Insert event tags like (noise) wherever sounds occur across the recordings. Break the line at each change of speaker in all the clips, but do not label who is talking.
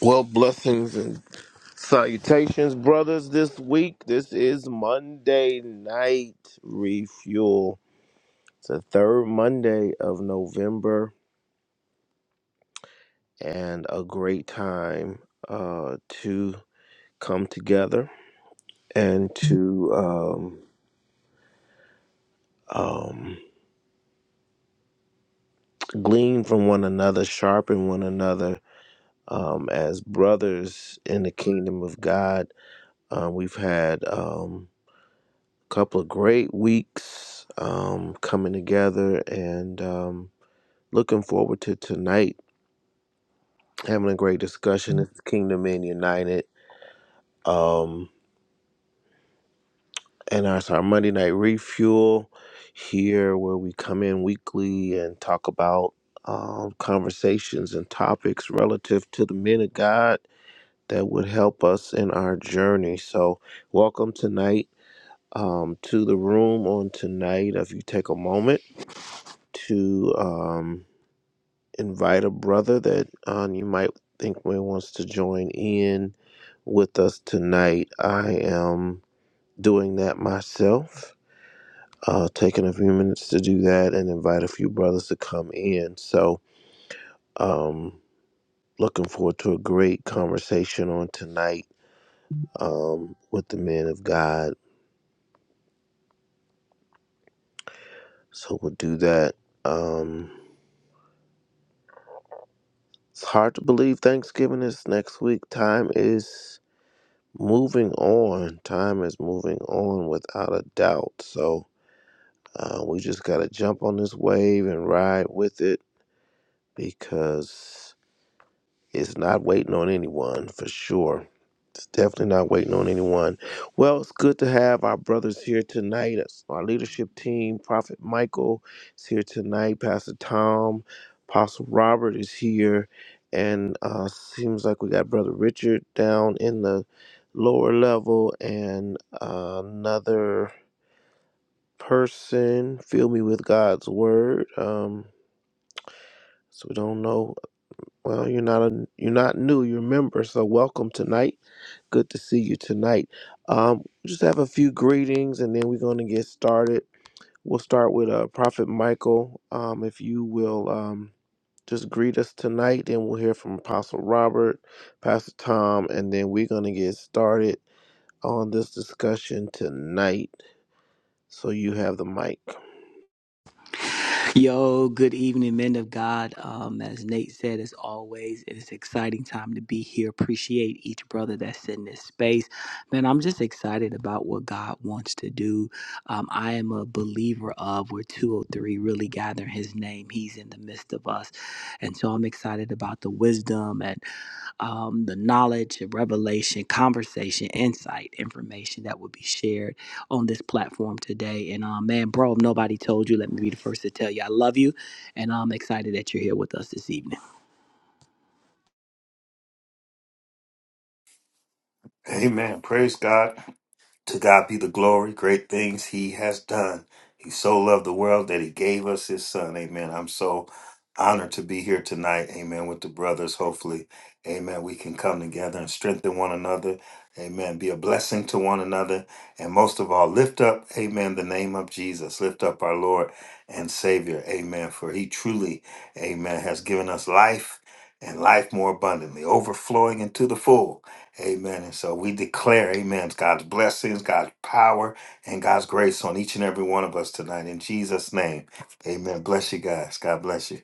Well, blessings and salutations, brothers. This week, this is Monday Night Refuel. It's the third Monday of November, and a great time uh, to come together and to um, um, glean from one another, sharpen one another um, as brothers in the kingdom of God. Uh, we've had. Um, couple of great weeks um, coming together and um, looking forward to tonight having a great discussion. It's Kingdom Men United. Um, and it's our Monday Night Refuel here where we come in weekly and talk about um, conversations and topics relative to the men of God that would help us in our journey. So, welcome tonight um, to the room on tonight. If you take a moment to. Um, invite a brother that um, you might think may wants to join in with us tonight. I am doing that myself, uh, taking a few minutes to do that and invite a few brothers to come in. So, um, looking forward to a great conversation on tonight um, with the men of God. So, we'll do that. Um, it's hard to believe Thanksgiving is next week. Time is moving on. Time is moving on without a doubt. So uh, we just got to jump on this wave and ride with it because it's not waiting on anyone for sure. It's definitely not waiting on anyone. Well, it's good to have our brothers here tonight. It's Our leadership team, Prophet Michael, is here tonight. Pastor Tom, Apostle Robert is here, and uh, seems like we got Brother Richard down in the lower level, and uh, another person. Fill me with God's word. Um, so we don't know. Well, you're not a, you're not new. You're a member. So welcome tonight Good to see you tonight. Um, just have a few greetings, and then we're going to get started. We'll start with uh, Prophet Michael. Um, if you will um, just greet us tonight, then we'll hear from Apostle Robert, Pastor Tom, and then we're going to get started on this discussion tonight. So you have the mic.
Yo, good evening, men of God. Um, as Nate said, as always, it is an exciting time to be here. Appreciate each brother that's in this space. Man, I'm just excited about what God wants to do. Um, I am a believer of where 203 really gather in his name. He's in the midst of us. And so I'm excited about the wisdom. and um, the knowledge, revelation, conversation, insight, information that will be shared on this platform today. And um, man, bro, if nobody told you, let me be the first to tell you I love you, and I'm excited that you're here with us this evening.
Amen. Praise God. To God be the glory. Great things He has done. He so loved the world that He gave us His Son. Amen. I'm so honored to be here tonight. Amen. With the brothers, hopefully. Amen. We can come together and strengthen one another. Amen. Be a blessing to one another. And most of all, lift up, amen, the name of Jesus. Lift up our Lord and Savior. Amen. For He truly, amen, has given us life and life more abundantly, overflowing into the full. Amen. And so we declare, amen, God's blessings, God's power, and God's grace on each and every one of us tonight. In Jesus' name, amen. Bless you guys. God bless you.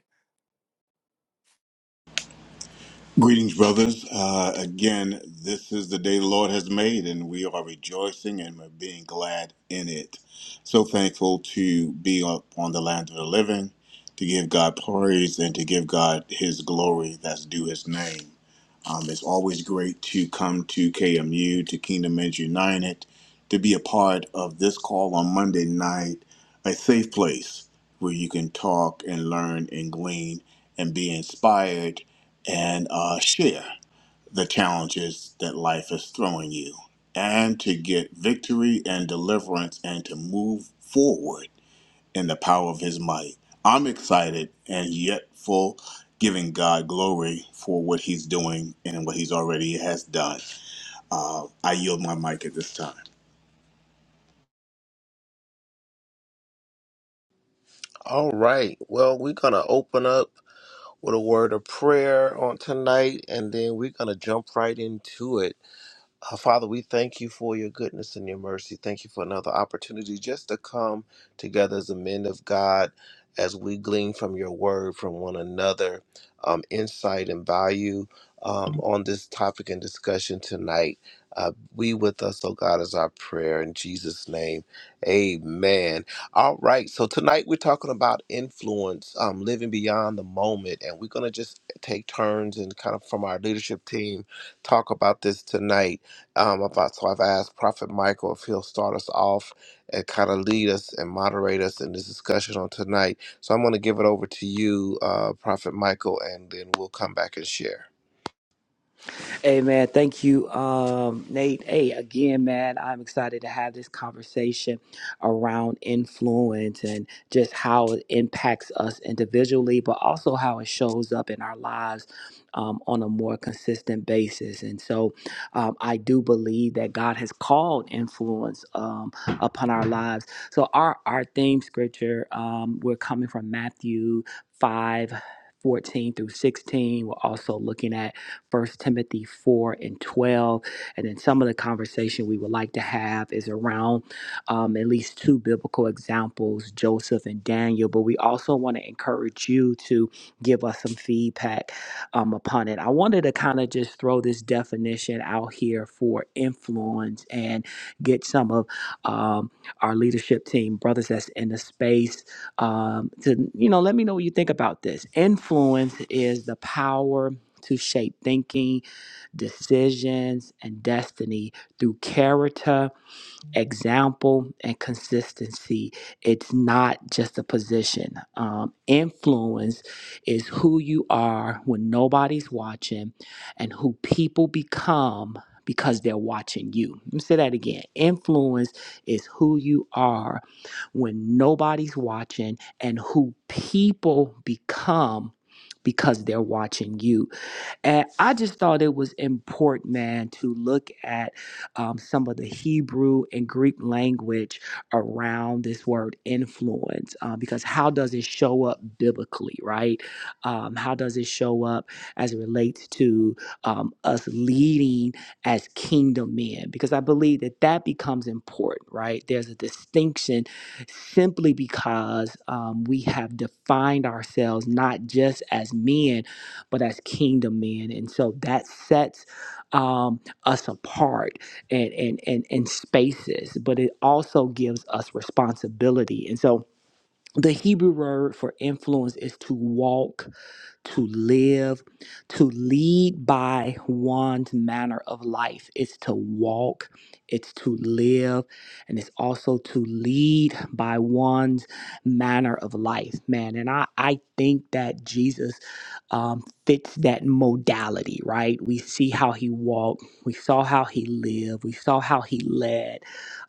Greetings, brothers. Uh, again, this is the day the Lord has made, and we are rejoicing and we're being glad in it. So thankful to be up on the land of the living, to give God praise and to give God His glory that's due His name. Um, it's always great to come to KMU, to Kingdom Men's United, to be a part of this call on Monday night, a safe place where you can talk and learn and glean and be inspired and uh, share the challenges that life is throwing you and to get victory and deliverance and to move forward and the power of his might. I'm excited and yet full giving God glory for what he's doing and what he's already has done. Uh, I yield my mic at this time.
All right. Well, we're going to open up with a word of prayer on tonight, and then we're going to jump right into it. Uh, Father, we thank you for your goodness and your mercy. Thank you for another opportunity just to come together as the men of God as we glean from your word, from one another, um, insight and value um, on this topic and discussion tonight. Uh, be with us, oh God, is our prayer in Jesus' name. Amen. All right. So tonight we're talking about influence, um, living beyond the moment. And we're going to just take turns and kind of from our leadership team talk about this tonight um, about so I've asked Prophet Michael if he'll start us off and kind of lead us and moderate us in this discussion on tonight. So I'm going to give it over to you, uh, Prophet Michael, and then we'll come back and share.
Hey man, thank you, um, Nate. Hey, again, man, I'm excited to have this conversation around influence and just how it impacts us individually, but also how it shows up in our lives um, on a more consistent basis. And so, um, I do believe that God has called influence um, upon our lives. So, our our theme scripture um, we're coming from Matthew five, fourteen through 16. We're also looking at First Timothy 4 and 12. And then some of the conversation we would like to have is around um, at least two biblical examples, Joseph and Daniel. But we also want to encourage you to give us some feedback um, upon it. I wanted to kind of just throw this definition out here for influence and get some of um, our leadership team, brothers that's in the space, um, to, you know, let me know what you think about this. Influence is the power to shape thinking, decisions, and destiny through character, example, and consistency. It's not just a position. Um, influence is who you are when nobody's watching and who people become because they're watching you. Let me say that again. Influence is who you are when nobody's watching and who people become because they're watching you and I just thought it was important, man, to look at um, some of the Hebrew and Greek language around this word influence, uh, because how does it show up biblically, right? Um, how does it show up as it relates to um, us leading as kingdom men? Because I believe that that becomes important, right? There's a distinction simply because um, we have defined ourselves not just as men but as kingdom men. And so that sets um, us apart and, and, and, and spaces, but it also gives us responsibility. And so the Hebrew word for influence is to walk to live, to lead by one's manner of life. It's to walk, it's to live, and it's also to lead by one's manner of life, man. And I, I think that Jesus um, fits that modality, right? We see how he walked, we saw how he lived, we saw how he led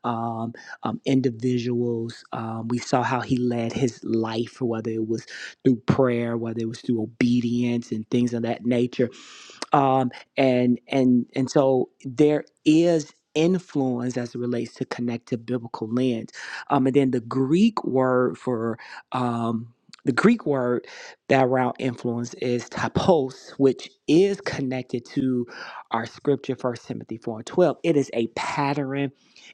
um, um, individuals, um, we saw how he led his life, whether it was through prayer, whether it was through obedience and things of that nature um, and and and so there is influence as it relates to connected biblical lens um, and then the greek word for um, the greek word that round influence is typos which is connected to our scripture first timothy 4 and 12 it is a pattern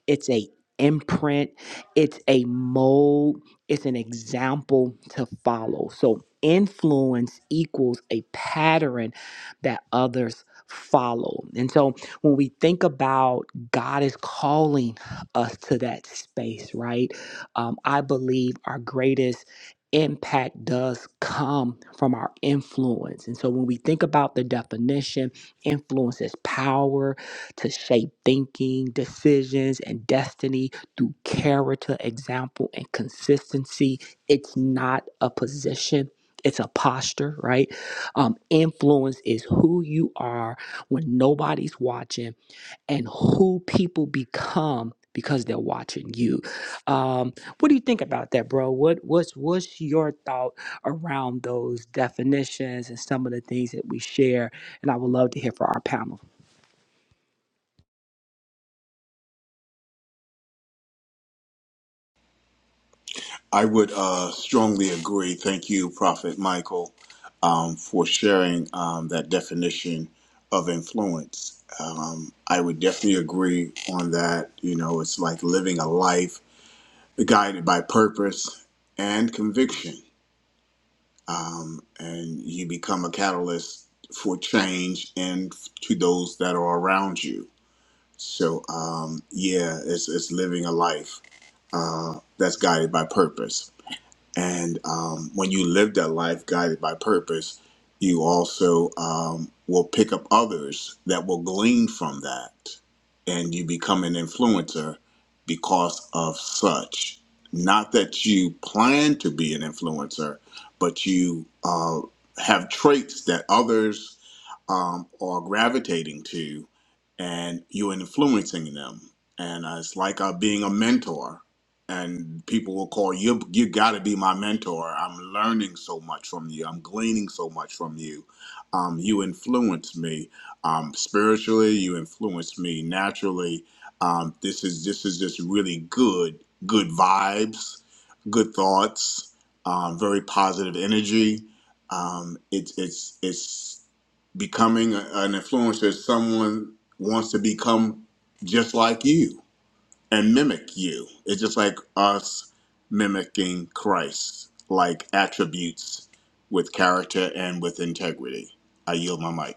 it's a imprint it's a mold it's an example to follow so influence equals a pattern that others follow. And so when we think about God is calling us to that space, right? Um, I believe our greatest impact does come from our influence. And so when we think about the definition, influence is power to shape thinking, decisions, and destiny through character, example, and consistency. It's not a position. It's a posture, right? Um, influence is who you are when nobody's watching and who people become because they're watching you. Um, what do you think about that, bro? What what's what's your thought around those definitions and some of the things that we share? And I would love to hear from our panel.
I would uh, strongly agree. Thank you, Prophet Michael, um, for sharing um, that definition of influence. Um, I would definitely agree on that. You know, it's like living a life guided by purpose and conviction um, and you become a catalyst for change and to those that are around you. So um, yeah, it's it's living a life uh, that's guided by purpose. And um, when you live that life guided by purpose, you also um, will pick up others that will glean from that. And you become an influencer because of such. Not that you plan to be an influencer, but you uh, have traits that others um, are gravitating to and you're influencing them and uh, it's like uh, being a mentor and people will call you you got to be my mentor i'm learning so much from you i'm gleaning so much from you um, you influence me um, spiritually you influence me naturally um, this is this is just really good good vibes good thoughts um, very positive energy um, it's it's it's becoming a, an influencer is someone wants to become just like you and mimic you. It's just like us mimicking Christ, like attributes with character and with integrity. I yield my mic.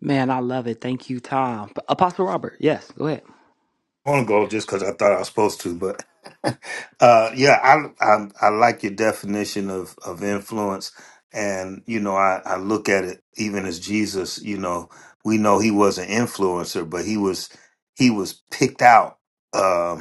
Man, I love it. Thank you, Tom. Apostle Robert, yes, go ahead.
I want to go just because I thought I was supposed to, but (laughs) uh, yeah, I, I I like your definition of of influence, and you know I I look at it even as Jesus. You know, we know he was an influencer, but he was he was picked out. Um,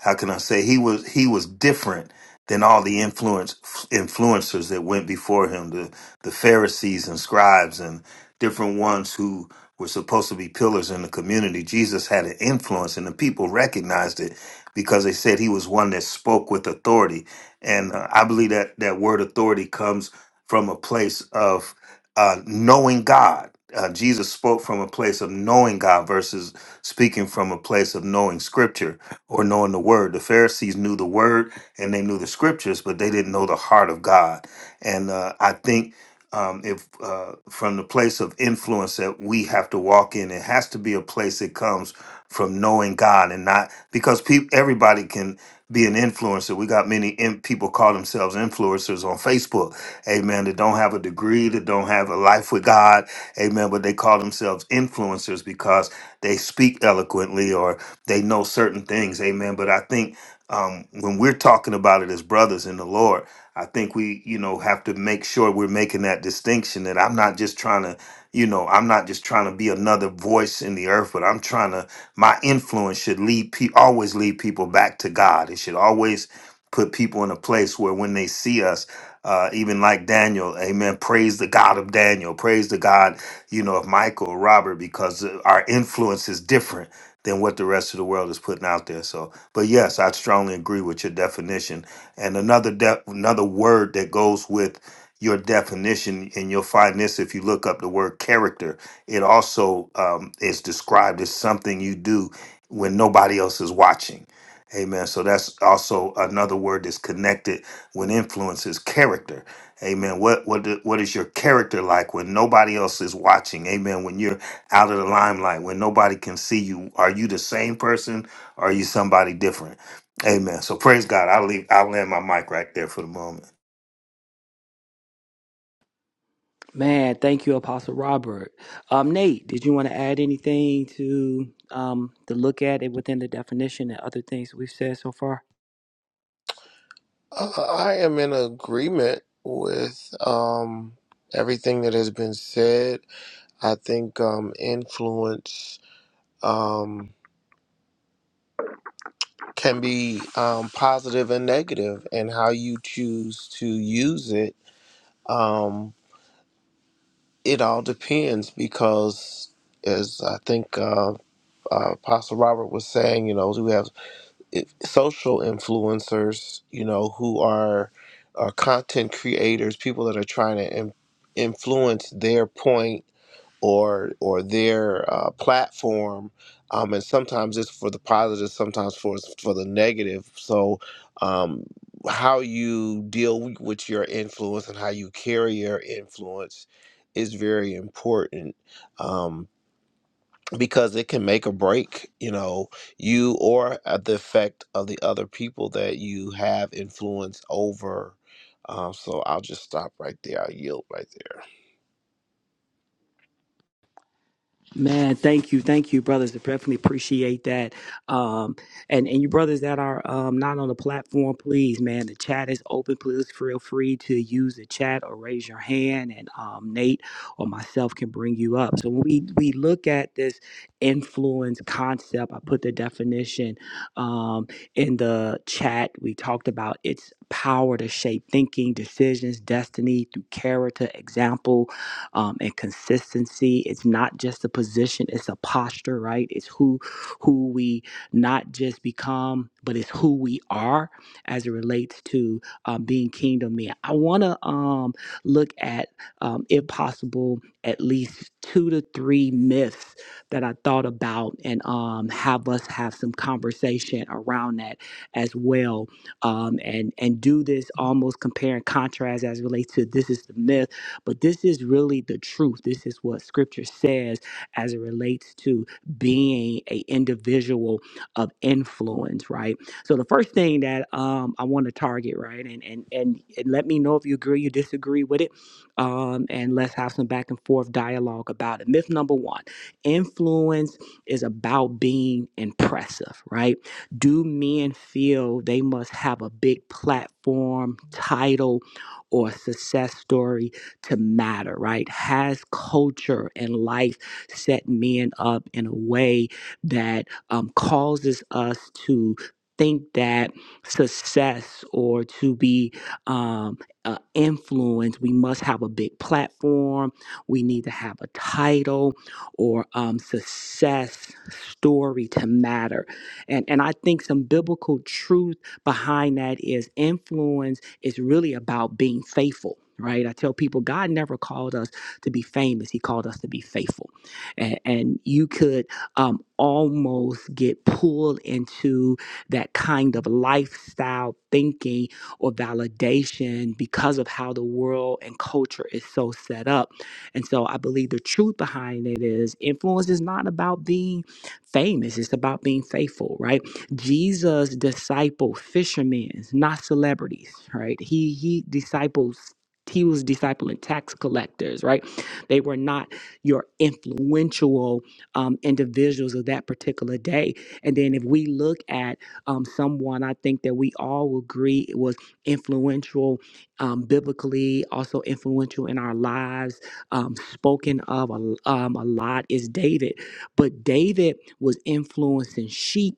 how can I say he was he was different than all the influence influencers that went before him, the the Pharisees and scribes and different ones who were supposed to be pillars in the community. Jesus had an influence, and the people recognized it because they said he was one that spoke with authority. And uh, I believe that that word authority comes from a place of uh, knowing God. Uh, Jesus spoke from a place of knowing God versus speaking from a place of knowing Scripture or knowing the word. The Pharisees knew the word and they knew the scriptures, but they didn't know the heart of God. And uh, I think um, if uh, from the place of influence that we have to walk in, it has to be a place that comes from knowing God and not because peop everybody can be an influencer. We got many in- people call themselves influencers on Facebook, amen, that don't have a degree, that don't have a life with God, amen, but they call themselves influencers because they speak eloquently or they know certain things amen but i think um, when we're talking about it as brothers in the lord i think we you know have to make sure we're making that distinction that i'm not just trying to you know i'm not just trying to be another voice in the earth but i'm trying to my influence should lead pe- always lead people back to god it should always put people in a place where when they see us uh, even like daniel amen praise the god of daniel praise the god you know of michael robert because uh, our influence is different than what the rest of the world is putting out there. So, but yes, I strongly agree with your definition. And another de- another word that goes with your definition, and you'll find this if you look up the word character. It also um, is described as something you do when nobody else is watching. Amen. So that's also another word that's connected when influence is character. Amen. What what do- what is your character like when nobody else is watching? Amen. When you're out of the limelight when nobody can see you. Are you the same person? Or are you somebody different? Amen. So praise God. I'll leave. I'll land my mic right there for the moment.
Man, thank you, Apostle Robert. Um, Nate, did you want to add anything to um, the look at it within the definition and other things we've said so far?
Uh, I am in agreement with um, everything that has been said. I think um, influence um, can be um, positive and negative, and how you choose to use it. Um, It all depends because, as I think uh, uh, Apostle Robert was saying, you know, we have i- social influencers, you know, who are uh, content creators, people that are trying to in- influence their point or or their uh, platform. Um, and sometimes it's for the positive, sometimes for for the negative. So, um, how you deal with your influence and how you carry your influence is very important. Um, because it can make or break you know you or at the effect of the other people that you have influence over um, so i'll just stop right there i'll yield right there
Man, thank you, thank you, brothers. I definitely appreciate that. Um, and and you brothers that are um not on the platform, please, man, the chat is open. Please feel free to use the chat or raise your hand, and um, Nate or myself can bring you up. So when we we look at this influence concept, I put the definition um in the chat. We talked about its power to shape thinking, decisions, destiny through character, example, um, and consistency. It's not just a position; it's a posture, right? It's who who we not just become, but it's who we are as it relates to um, being kingdom men. I want to um, look at, um, if possible, at least two to three myths that I thought about, and um, have us have some conversation around that as well um, and and do this almost compare and contrast as it relates to this is the myth but this is really the truth. This is what scripture says as it relates to being a individual of influence, right? So the first thing that um, I want to target, right, and, and and and let me know if you agree, you disagree with it, um, and let's have some back and forth dialogue about it. Myth number one: influence is about being impressive, right? Do men feel they must have a big platform, title, or success story to matter, right? Has culture and life set men up in a way that um, causes us to think that success or to be um, uh, influenced, we must have a big platform, we need to have a title or um, success story to matter. And, and I think some biblical truth behind that is influence it's really about being faithful. Right, I tell people God never called us to be famous; He called us to be faithful. And, and you could um, almost get pulled into that kind of lifestyle thinking or validation because of how the world and culture is so set up. And so I believe the truth behind it is influence is not about being famous, it's about being faithful, right? Jesus discipled fishermen, not celebrities, right? He he disciples he was discipling tax collectors, right? They were not your influential um, individuals of that particular day. And then if we look at um, someone, I think that we all will agree it was influential um, biblically, also influential in our lives, um, spoken of a, um, a lot is David. But David was influencing sheep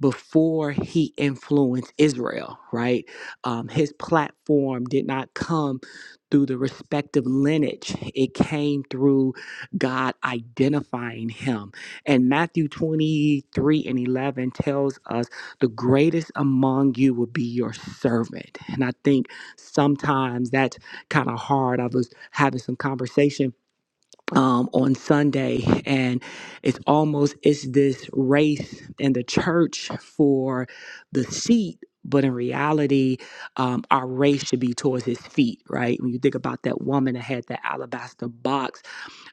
before he influenced Israel, right? Um, his platform did not come through the respective lineage, it came through God identifying him. And Matthew 23 and 11 tells us the greatest among you will be your servant. And I think sometimes that's kind of hard. I was having some conversation um, on Sunday, and it's almost it's this race in the church for the seat. But in reality, um, our race should be towards his feet, right? When you think about that woman that had that alabaster box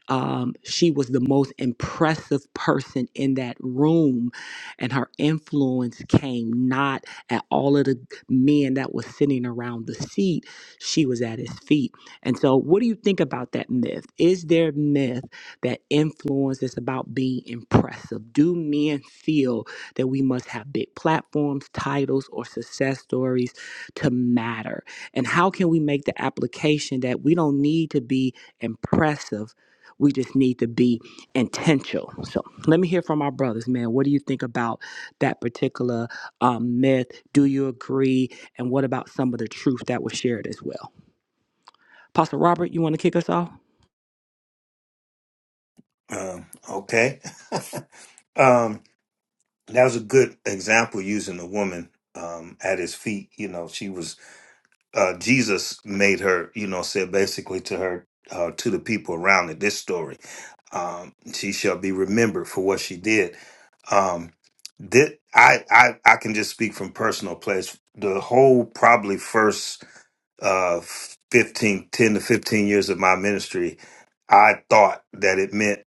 um, she was the most impressive person in that room and her influence came not at all of the men that was sitting around the seat she was at his feet and so what do you think about that myth is there a myth that influence is about being impressive do men feel that we must have big platforms titles or success stories to matter and how can we make the application that we don't need to be impressive we just need to be intentional. So let me hear from our brothers, man. What do you think about that particular um, myth? Do you agree? And what about some of the truth that was shared as well? Pastor Robert, you want to kick us off?
Um, okay. (laughs) um, that was a good example using the woman um, at his feet. You know, she was uh, Jesus made her. You know, said basically to her uh, to the people around in this story, um, she shall be remembered for what she did Um, that I, I I can just speak from personal place. The whole probably first uh, 15, 10 to 15 years of my ministry, I thought that it meant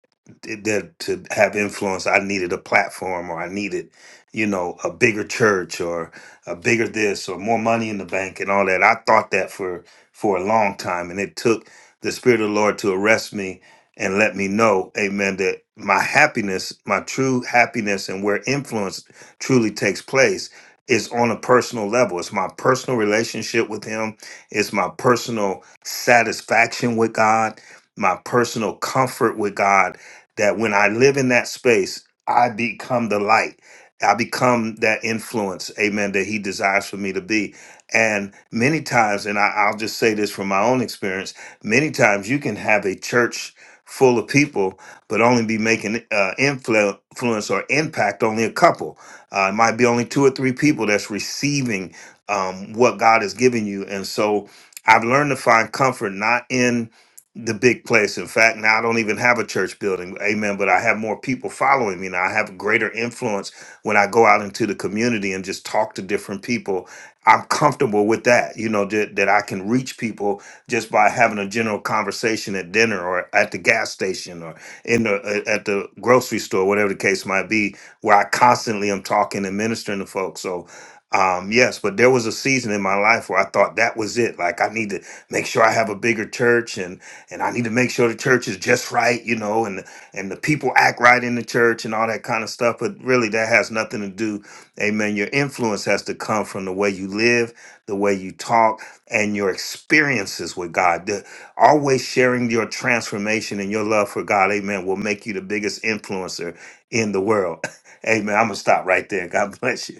that to have influence, I needed a platform or I needed, you know, a bigger church or a bigger this or more money in the bank and all that. I thought that for for a long time. And it took the Spirit of the Lord to arrest me and let me know, amen, that my happiness, my true happiness and where influence truly takes place is on a personal level. It's my personal relationship with Him it's my personal satisfaction with God, my personal comfort with God, that when I live in that space, I become the light. I become that influence, amen, that he desires for me to be. And many times, and I, I'll just say this from my own experience many times you can have a church full of people, but only be making uh, influ- influence or impact only a couple. Uh, it might be only two or three people that's receiving um, what God has given you. And so I've learned to find comfort not in the big place. In fact, now I don't even have a church building. Amen. But I have more people following me now. I have greater influence when I go out into the community and just talk to different people. I'm comfortable with that, you know, that, that I can reach people just by having a general conversation at dinner or at the gas station or in the uh, at the grocery store, whatever the case might be, where I constantly am talking and ministering to folks. So um, yes, but there was a season in my life where I thought that was it. Like I need to make sure I have a bigger church and and I need to make sure the church is just right, you know, and and the people act right in the church and all that kind of stuff. But really that has nothing to do, amen. Your influence has to come from the way you live, the way you talk, and your experiences with God. The, always sharing your transformation and your love for God, amen, will make you the biggest influencer in the world. (laughs) Amen. I'm gonna stop right there. God bless you.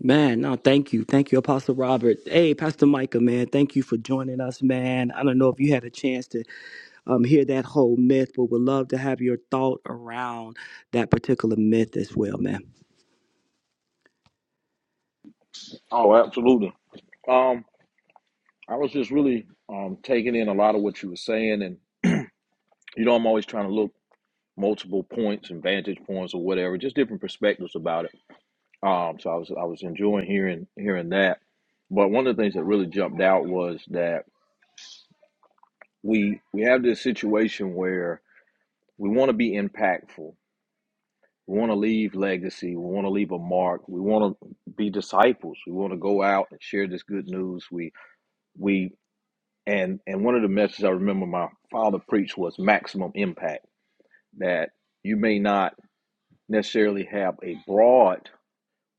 Man, no, thank you. Thank you, Apostle Robert. Hey, Pastor Micah, man, thank you for joining us, man. I don't know if you had a chance to um, hear that whole myth, but would love to have your thought around that particular myth as well, man.
Oh, absolutely. Um, I was just really um taking in a lot of what you were saying, and you know, I'm always trying to look multiple points and vantage points or whatever, just different perspectives about it. Um, so I was I was enjoying hearing hearing that. But one of the things that really jumped out was that we we have this situation where we want to be impactful, we want to leave legacy, we want to leave a mark, we want to be disciples, we want to go out and share this good news. We we and and one of the messages I remember my father preached was maximum impact. That you may not necessarily have a broad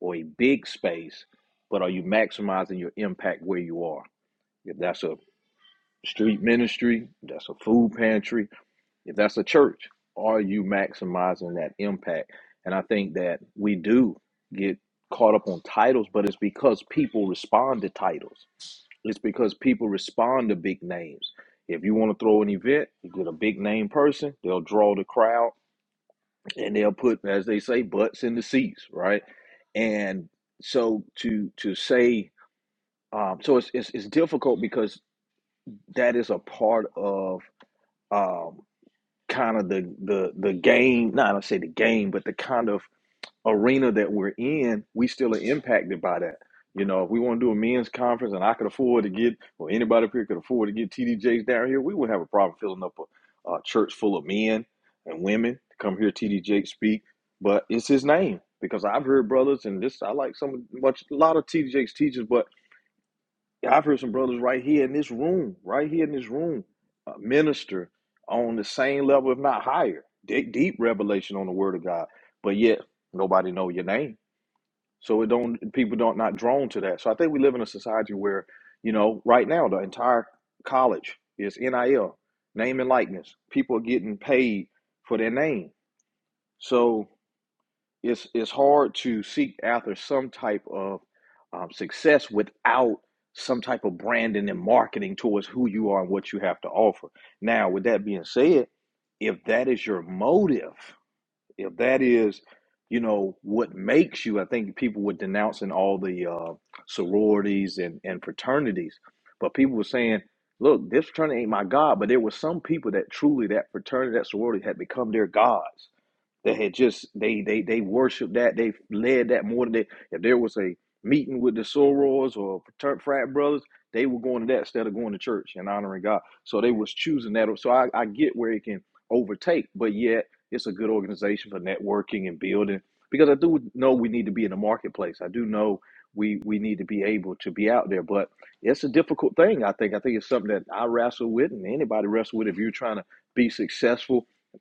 or a big space, but are you maximizing your impact where you are? If that's a street ministry, if that's a food pantry, if that's a church, are you maximizing that impact? And I think that we do get caught up on titles, but it's because people respond to titles it's because people respond to big names. If you want to throw an event, you get a big name person, they'll draw the crowd and they'll put, as they say, butts in the seats, right? And so to to say, um, so it's, it's it's difficult because that is a part of um, kind of the the the game. Not I say the game, but the kind of arena that we're in, we still are impacted by that. You know, if we want to do a men's conference and I could afford to get, or anybody up here could afford to get TDJs down here, we would have a problem filling up a, a church full of men and women to come hear TDJ speak. But it's his name because I've heard brothers, and this I like some much a lot of TDJ's teachers, but I've heard some brothers right here in this room, right here in this room, uh, minister on the same level, if not higher, deep, deep revelation on the Word of God. But yet nobody know your name so it don't people don't not drawn to that. So I think we live in a society where, you know, right now the entire college is NIL, name and likeness. People are getting paid for their name. So it's it's hard to seek after some type of um, success without some type of branding and marketing towards who you are and what you have to offer. Now, with that being said, if that is your motive, if that is you know what makes you i think people were denouncing all the uh, sororities and, and fraternities but people were saying look this fraternity ain't my god but there were some people that truly that fraternity that sorority had become their gods they had just they they they worshiped that. They led that more than they. If there was a meeting with the sorors or frater- frat brothers, they were going to that instead of going to church and honoring God. So they was choosing that. So I, I get where it can overtake, but yet it's a good organization for networking and building. Because I do know we need to be in the marketplace. I do know we we need to be able to be out there, but it's a difficult thing. I think. I think it's something that I wrestle with, and anybody wrestle with. If you're trying to be successful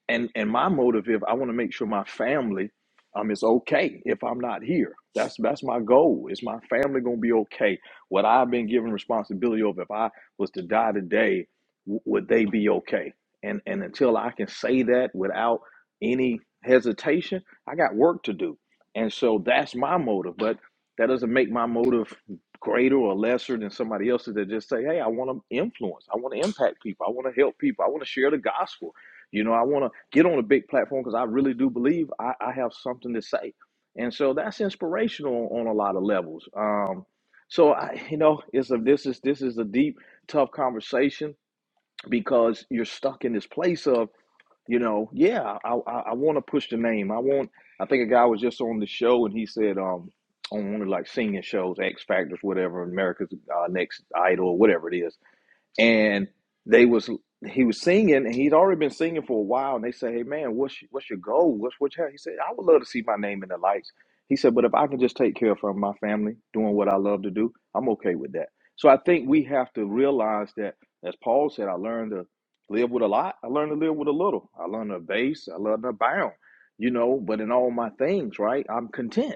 and and my motive if i want to make sure my family um is okay if i'm not here that's that's my goal is my family gonna be okay what i've been given responsibility over if i was to die today w- would they be okay and and until i can say that without any hesitation i got work to do and so that's my motive but that doesn't make my motive greater or lesser than somebody else's that just say hey i want to influence i want to impact people i want to help people i want to share the gospel you know, I want to get on a big platform because I really do believe I, I have something to say. And so that's inspirational on a lot of levels. Um, so I, you know, it's a this is this is a deep, tough conversation because you're stuck in this place of, you know, yeah, I I, I want to push the name. I want. I think a guy was just on the show and he said, um, on one of like singing shows, X Factors, whatever, America's uh, Next Idol, whatever it is and they was he was singing and he'd already been singing for a while and they said hey man what's what's your goal what's what you have?" he said i would love to see my name in the lights he said but if i can just take care of my family doing what i love to do i'm okay with that so i think we have to realize that as paul said i learned to live with a lot i learned to live with a little i learned to base i learned to abound you know but in all my things right i'm content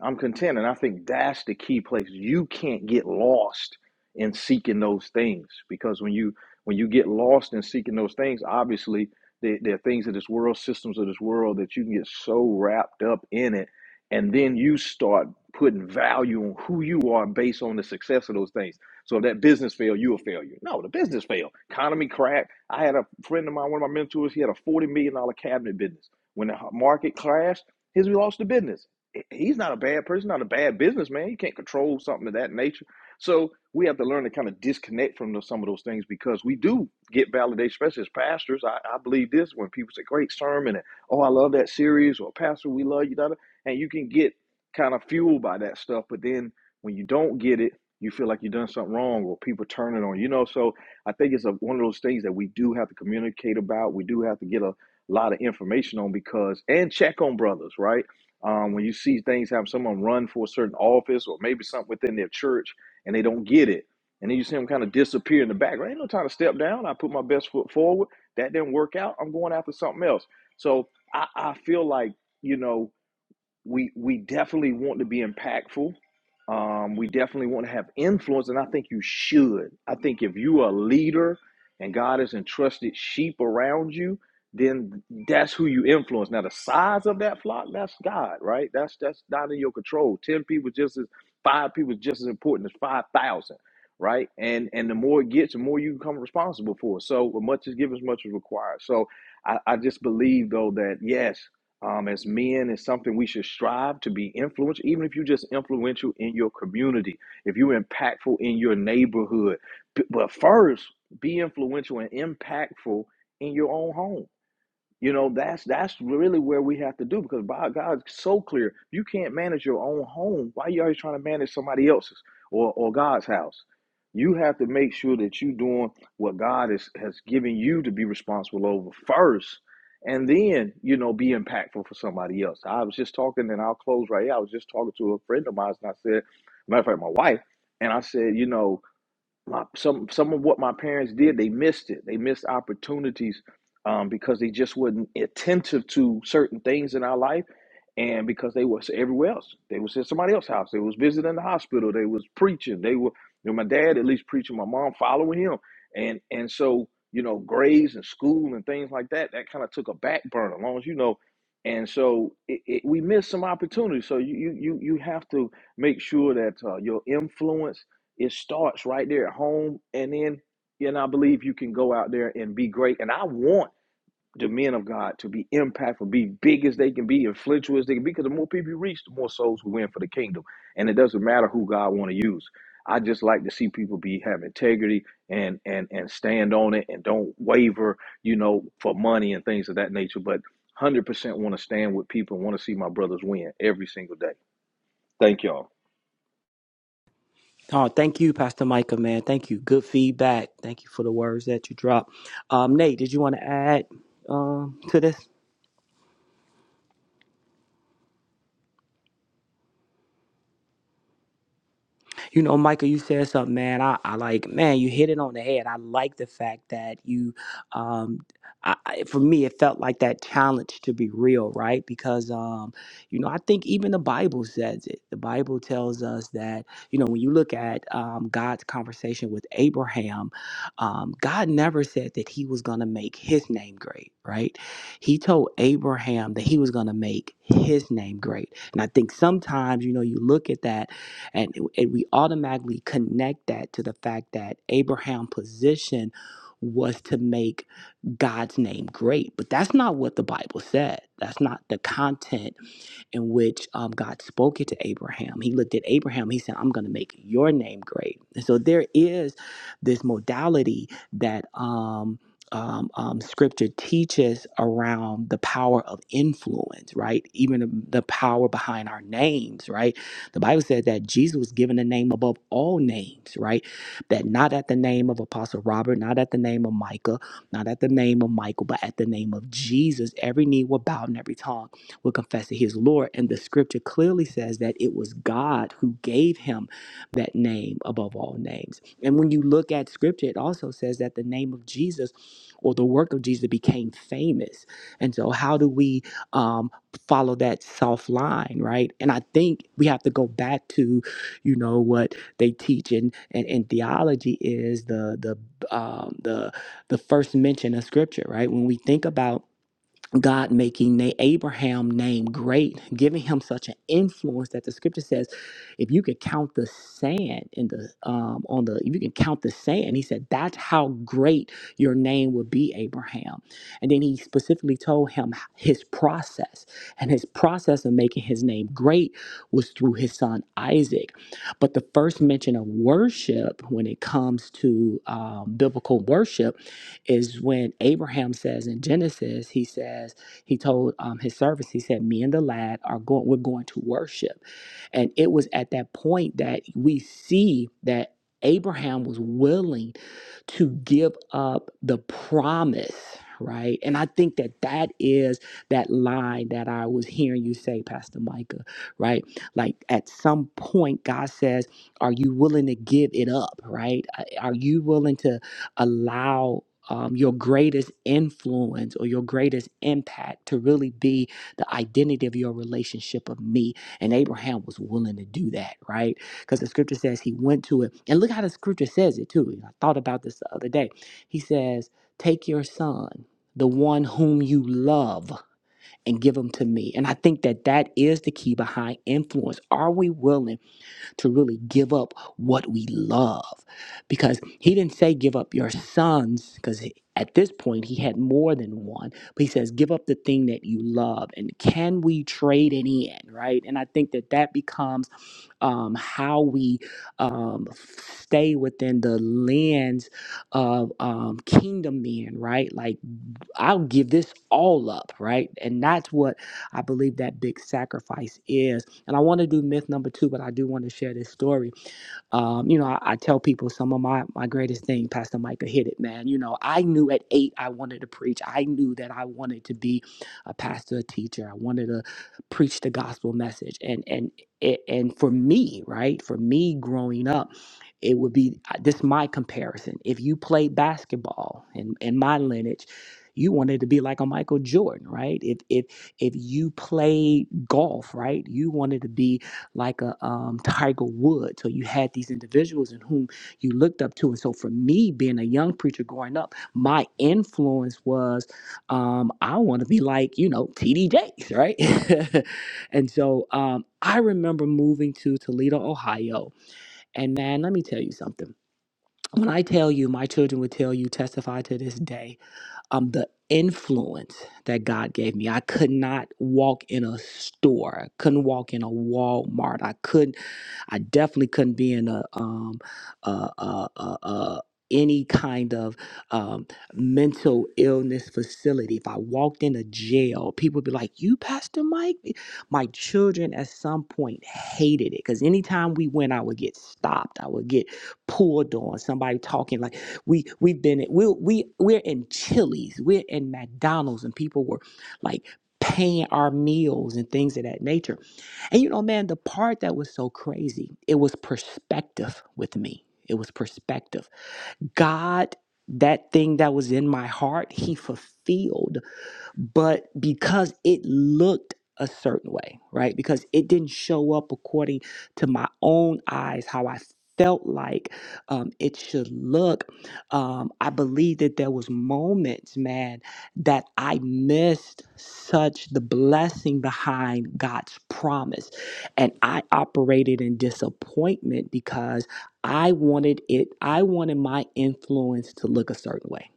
i'm content and i think that's the key place you can't get lost in seeking those things because when you when you get lost in seeking those things obviously there, there are things of this world systems of this world that you can get so wrapped up in it and then you start putting value on who you are based on the success of those things so if that business failed you a failure no the business failed economy cracked i had a friend of mine one of my mentors he had a 40 million dollar cabinet business when the market crashed his we lost the business he's not a bad person not a bad businessman he can't control something of that nature so we have to learn to kind of disconnect from those, some of those things because we do get validation, especially as pastors. I, I believe this when people say, "Great sermon," and "Oh, I love that series," or "Pastor, we love you," da, da," and you can get kind of fueled by that stuff. But then when you don't get it, you feel like you've done something wrong, or people turn it on. You know, so I think it's a, one of those things that we do have to communicate about. We do have to get a lot of information on because and check on brothers, right? Um, when you see things happen, someone run for a certain office or maybe something within their church and they don't get it. And then you see them kind of disappear in the background. Ain't no time to step down. I put my best foot forward. That didn't work out. I'm going after something else. So I, I feel like, you know, we we definitely want to be impactful. Um, we definitely want to have influence, and I think you should. I think if you are a leader and God has entrusted sheep around you, then that's who you influence. Now, the size of that flock, that's God, right? That's that's not in your control. Ten people just as five people is just as important as five thousand, right? And and the more it gets, the more you become responsible for. So, much is given, as much is required. So, I, I just believe though that yes um, as men is something we should strive to be influential, even if you're just influential in your community, if you're impactful in your neighborhood. B- But first, be influential and impactful in your own home you know, that's that's really where we have to do because by God's so clear, you can't manage your own home. Why are you always trying to manage somebody else's or, or God's house? You have to make sure that you're doing what God is, has given you to be responsible over first, and then you know be impactful for somebody else. I was just talking, and I'll close right here. I was just talking to a friend of mine, and I said, matter of fact, my wife, and I said, you know, my some some of what my parents did they missed it they missed opportunities um, because they just wasn't attentive to certain things in our life and because they were everywhere else they was at somebody else's house they was visiting the hospital they was preaching they were you know, my dad at least preaching my mom following him and and so you know grades and school and things like that that kind of took a back burner as long as you know and so it, it, we missed some opportunities so you you you you have to make sure that uh, your influence it starts right there at home, and then and I believe you can go out there and be great. And I want the men of God to be impactful, be big as they can be, influential as they can be, because the more people you reach, the more souls will win for the kingdom. And it doesn't matter who God want to use. I just like to see people be have integrity and and and stand on it and don't waver, you know, for money and things of that nature. But one hundred percent want to stand with people and want to see my brothers win every single day. Thank y'all.
Oh, thank you, Pastor Micah, man. Thank you. Good feedback. Thank you for the words that you dropped. Um, Nate, did you want to add um, to this? you know, Michael, you said something, man. I, I like, man, you hit it on the head. I like the fact that you, um, I, I- for me, it felt like that challenge to be real, right? Because, um, you know, I think even the Bible says it. The Bible tells us that, you know, when you look at um, God's conversation with Abraham, um, God never said that he was going to make his name great, right? He told Abraham that he was going to make his name great. And I think sometimes, you know, you look at that and, and we automatically connect that to the fact that Abraham's position was to make God's name great. But that's not what the Bible said. That's not the content in which um, God spoke it to Abraham. He looked at Abraham, he said, I'm going to make your name great. And so there is this modality that um, um, um, scripture teaches around the power of influence, right? Even the the power behind our names, right? The Bible said that Jesus was given a name above all names, right? That not at the name of Apostle Robert, not at the name of Micah, not at the name of Michael, but at the name of Jesus, every knee will bow and every tongue will confess that he is Lord. And the scripture clearly says that it was God who gave him that name above all names. And when you look at scripture, it also says that the name of Jesus or the work of Jesus became famous. And so, how do we? Um, follow that soft line, right? And I think we have to go back to, you know, what they teach in, in, in theology is the the um, the the first mention of scripture, right? When we think about God making Na- Abraham name great, giving him such an influence that the scripture says, if you could count the sand in the um on the if you can count the sand, he said that's how great your name would be, Abraham. And then he specifically told him his process, and his process of making his name great was through his son Isaac. But the first mention of worship when it comes to um, biblical worship is when Abraham says in Genesis, he says, he told um, his servants, he said, Me and the lad are going, we're going to worship. And it was at that point that we see that Abraham was willing to give up the promise, right? And I think that that is that line that I was hearing you say, Pastor Micah, right? Like at some point, God says, Are you willing to give it up, right? Are you willing to allow um, your greatest influence or your greatest impact to really be the identity of your relationship of me? And Abraham was willing to do that, right? because the scripture says he went to it. And look how the scripture says it too. I thought about this the other day. He says, Take your son, the one whom you love, and give him to me. And I think that that is the key behind influence. Are we willing to really give up what we love? Because he didn't say give up your sons, because at this point he had more than one, but he says give up the thing that you love. And can we trade it in, right? And I think that that becomes um, how we um, stay within the lens of um, kingdom men, right? Like, I'll give this all up, right? And that's what I believe that big sacrifice is. And I want to do myth number two, but I do want to share this story um, you know, I, I tell people some of my my greatest thing, Pastor Micah hit it, man. You know, I knew at eight I wanted to preach. I knew that I wanted to be a pastor, a teacher. I wanted to preach the gospel message. And and it- and for me, right? For me growing up, it would be uh, this my comparison. If you played basketball in, in my lineage, you wanted to be like a Michael Jordan, right? If if if you played golf, right, you wanted to be like a um, Tiger Woods, So you had these individuals in whom you looked up to. And so for me, being a young preacher growing up, my influence was um, I want to be like, you know, TD Jakes, right? (laughs) and so um, I remember moving to Toledo, Ohio. And man, let me tell you something. When I tell you, my children would tell you, testify to this day, um, the influence that God gave me. I could not walk in a store. I couldn't walk in a Walmart. I couldn't I definitely couldn't be in a um uh uh uh. uh any kind of um, mental illness facility. If I walked in a jail, people would be like, You, Pastor Mike? My children at some point hated it because anytime we went, I would get stopped. I would get pulled on. Somebody talking like, we, We've been, we, we, we're in Chili's, we're in McDonald's, and people were like paying our meals and things of that nature and you know, man, the part that was so crazy, it was perspective with me. It was perspective. God, that thing that was in my heart, He fulfilled but because it looked a certain way, right? Because it didn't show up according to my own eyes, how I felt like um, it should look. Um, I believe that there was moments, man, that I missed such the blessing behind God's promise, and I operated in disappointment because I wanted it. I wanted my influence to look a certain way,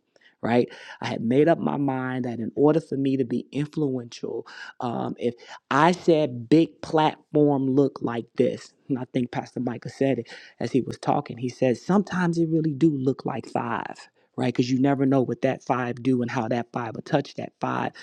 right? I had made up my mind that in order for me to be influential, um, if I said big platform look like this, and I think Pastor Micah said it as he was talking. He says sometimes it really do look like five. Right, because you never know what that five do and how that five will touch that five.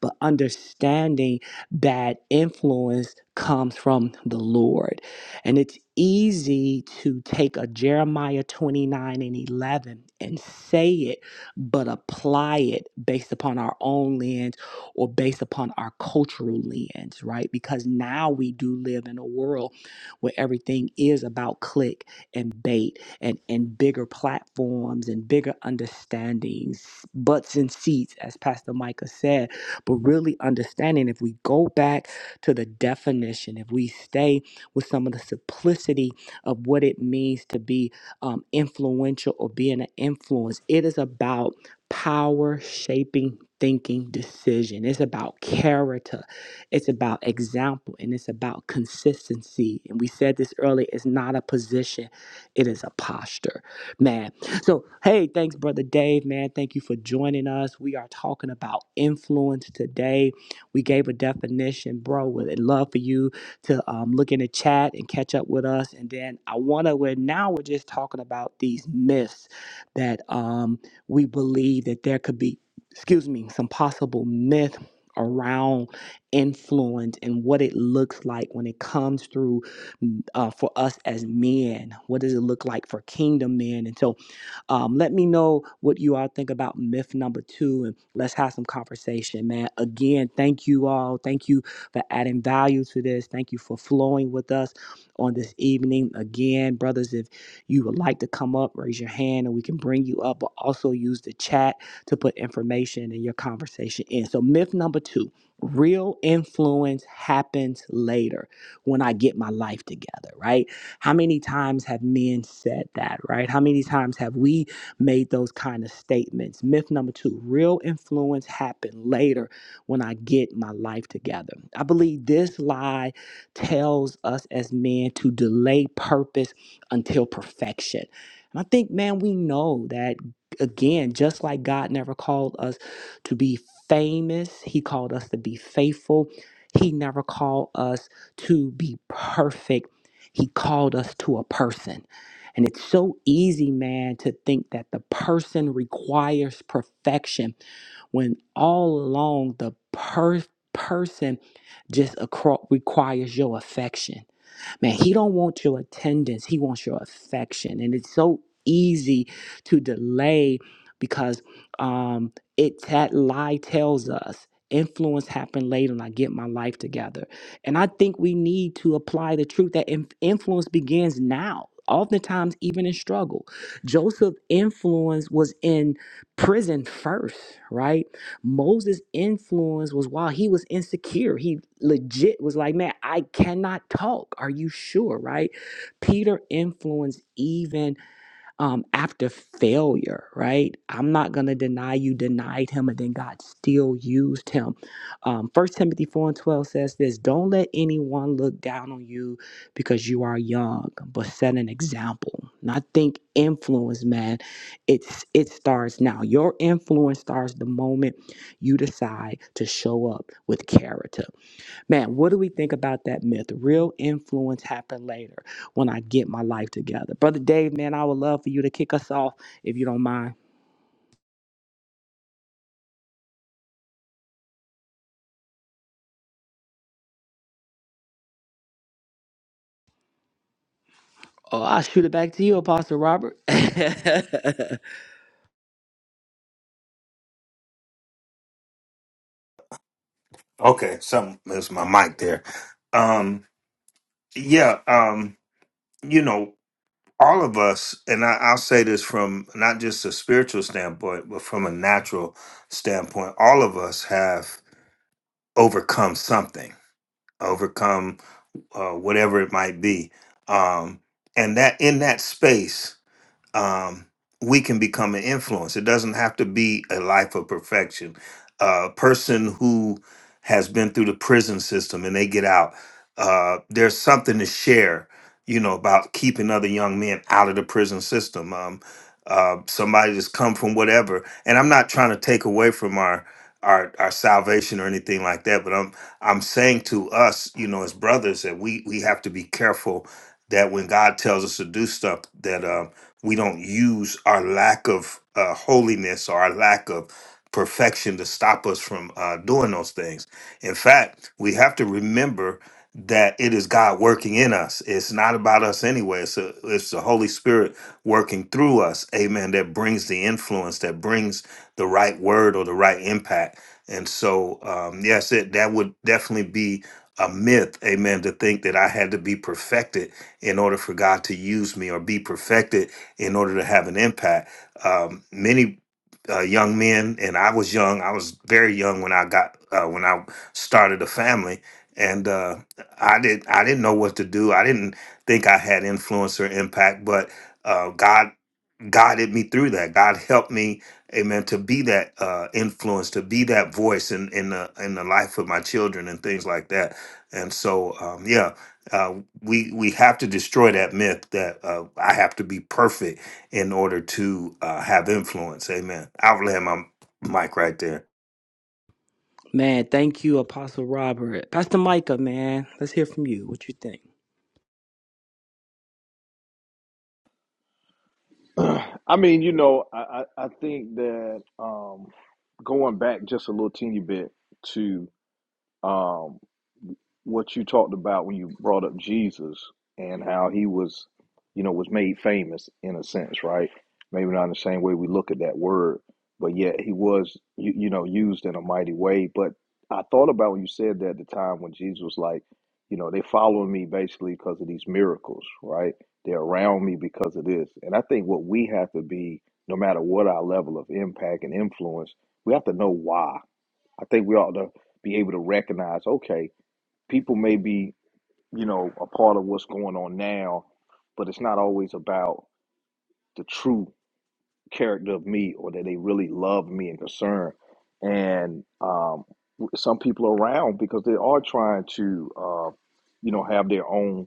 But understanding that influence comes from the Lord. And it's easy to take a Jeremiah 29 and 11 and say it but apply it based upon our own lens or based upon our cultural lens, right? Because now we do live in a world where everything is about click and bait and, and bigger platforms and bigger understandings, butts and seats, as Pastor Micah said. But really understanding if we go back to the definition, if we stay with some of the simplicity of what it means to be um, influential or being an influence. It is about power shaping thinking decision. It's about character. It's about example and it's about consistency. And we said this earlier it's not a position, it is a posture, man. So, hey, thanks, Brother Dave, man. Thank you for joining us. We are talking about influence today. We gave a definition, bro. Would love for you to um, look in the chat and catch up with us. And then I want to, we're now we're just talking about these myths that um, we believe that there could be, excuse me, some possible myth around influence and what it looks like when it comes through mm, uh, for us as men. What does it look like for kingdom men? And so um, let me know what you all think about myth number two, and let's have some conversation, man. Again, thank you all. Thank you for adding value to this. Thank you for flowing with us on this evening. Again, brothers, if you would like to come up, raise your hand and we can bring you up, but also use the chat to put information in your conversation in. So, myth number two real influence happens later when I get my life together, right? How many times have men said that, right? How many times have we made those kind of statements? Myth number two real influence happen later when I get my life together. I believe this lie tells us as men to delay purpose until perfection. And I think, man, we know that again, just like God never called us to be famous, He called us to be faithful. He never called us to be perfect. He called us to a person. And it's so easy, man, to think that the person requires perfection when all along the per- person just acro- requires your affection. Man, he don't want your attendance. He wants your affection. And it's so easy to delay because um it that lie tells us influence happened later and I get my life together. And I think we need to apply the truth that in- influence begins now. Oftentimes, even in struggle, Joseph's influence was in prison first, right? Moses' influence was while he was insecure. He legit was like, man, I cannot talk. Are you sure, right? Peter influenced even um, after failure, right? I'm not going to deny you denied him, and then God still used him. Um, 1 Timothy 4 and 12 says this Don't let anyone look down on you because you are young, but set an example. And I think influence, man, it's it starts now. Your influence starts the moment you decide to show up with character. Man, what do we think about that myth? Real influence happen later when I get my life together. Brother Dave, man, I would love for you to kick us off if you don't mind. Oh, I'll shoot it back to you, Apostle Robert. (laughs)
Okay, something is my mic there. Um, yeah, um, you know, all of us, and I, I'll say this from not just a spiritual standpoint, but from a natural standpoint, all of us have overcome something, overcome uh, whatever it might be, um, and that in that space. um, we can become an influence. It doesn't have to be a life of perfection. A person who has been through the prison system and they get out, uh, there's something to share, you know, about keeping other young men out of the prison system. Um, uh, somebody that's come from whatever, and I'm not trying to take away from our our our salvation or anything like that, but I'm I'm saying to us, you know, as brothers, that we we have to be careful that when God tells us to do stuff, that um we don't use our lack of uh, holiness or our lack of perfection to stop us from uh, doing those things. In fact, we have to remember that it is God working in us. It's not about us anyway. It's, a, it's the Holy Spirit working through us. Amen. That brings the influence, that brings the right word or the right impact. And so, um, yes, it, that would definitely be a myth. Amen. To think that I had to be perfected in order for God to use me or be perfected in order to have an impact. Um, many uh, young men, and I was young. I was very young when I got uh, when I started a family, and uh, I did. I didn't know what to do. I didn't think I had influence or impact, but. Uh, God guided me through that. God helped me, amen, to be that uh, influence, to be that voice in in the in the life of my children and things like that. And so, um, yeah, uh, we we have to destroy that myth that uh, I have to be perfect in order to uh, have influence. Amen. I'll land my mic right there.
man, thank you, Apostle Robert. Pastor Micah, man, let's hear from you. What you think?
I mean, you know, I, I, I think that um, going back just a little teeny bit to um, what you talked about when you brought up Jesus and how he was, you know, was made famous in a sense, right? Maybe not in the same way we look at that word, but yet he was, you, you know, used in a mighty way. But I thought about when you said that at the time when Jesus was like, you know, they following me basically because of these miracles, right? They're around me because of this. And I think what we have to be, no matter what our level of impact and influence, we have to know why. I think we ought to be able to recognize, okay, people may be, you know, a part of what's going on now, but it's not always about the true character of me or that they really love me and concern. And um, w- some people are around because they are trying to, uh, you know, have their own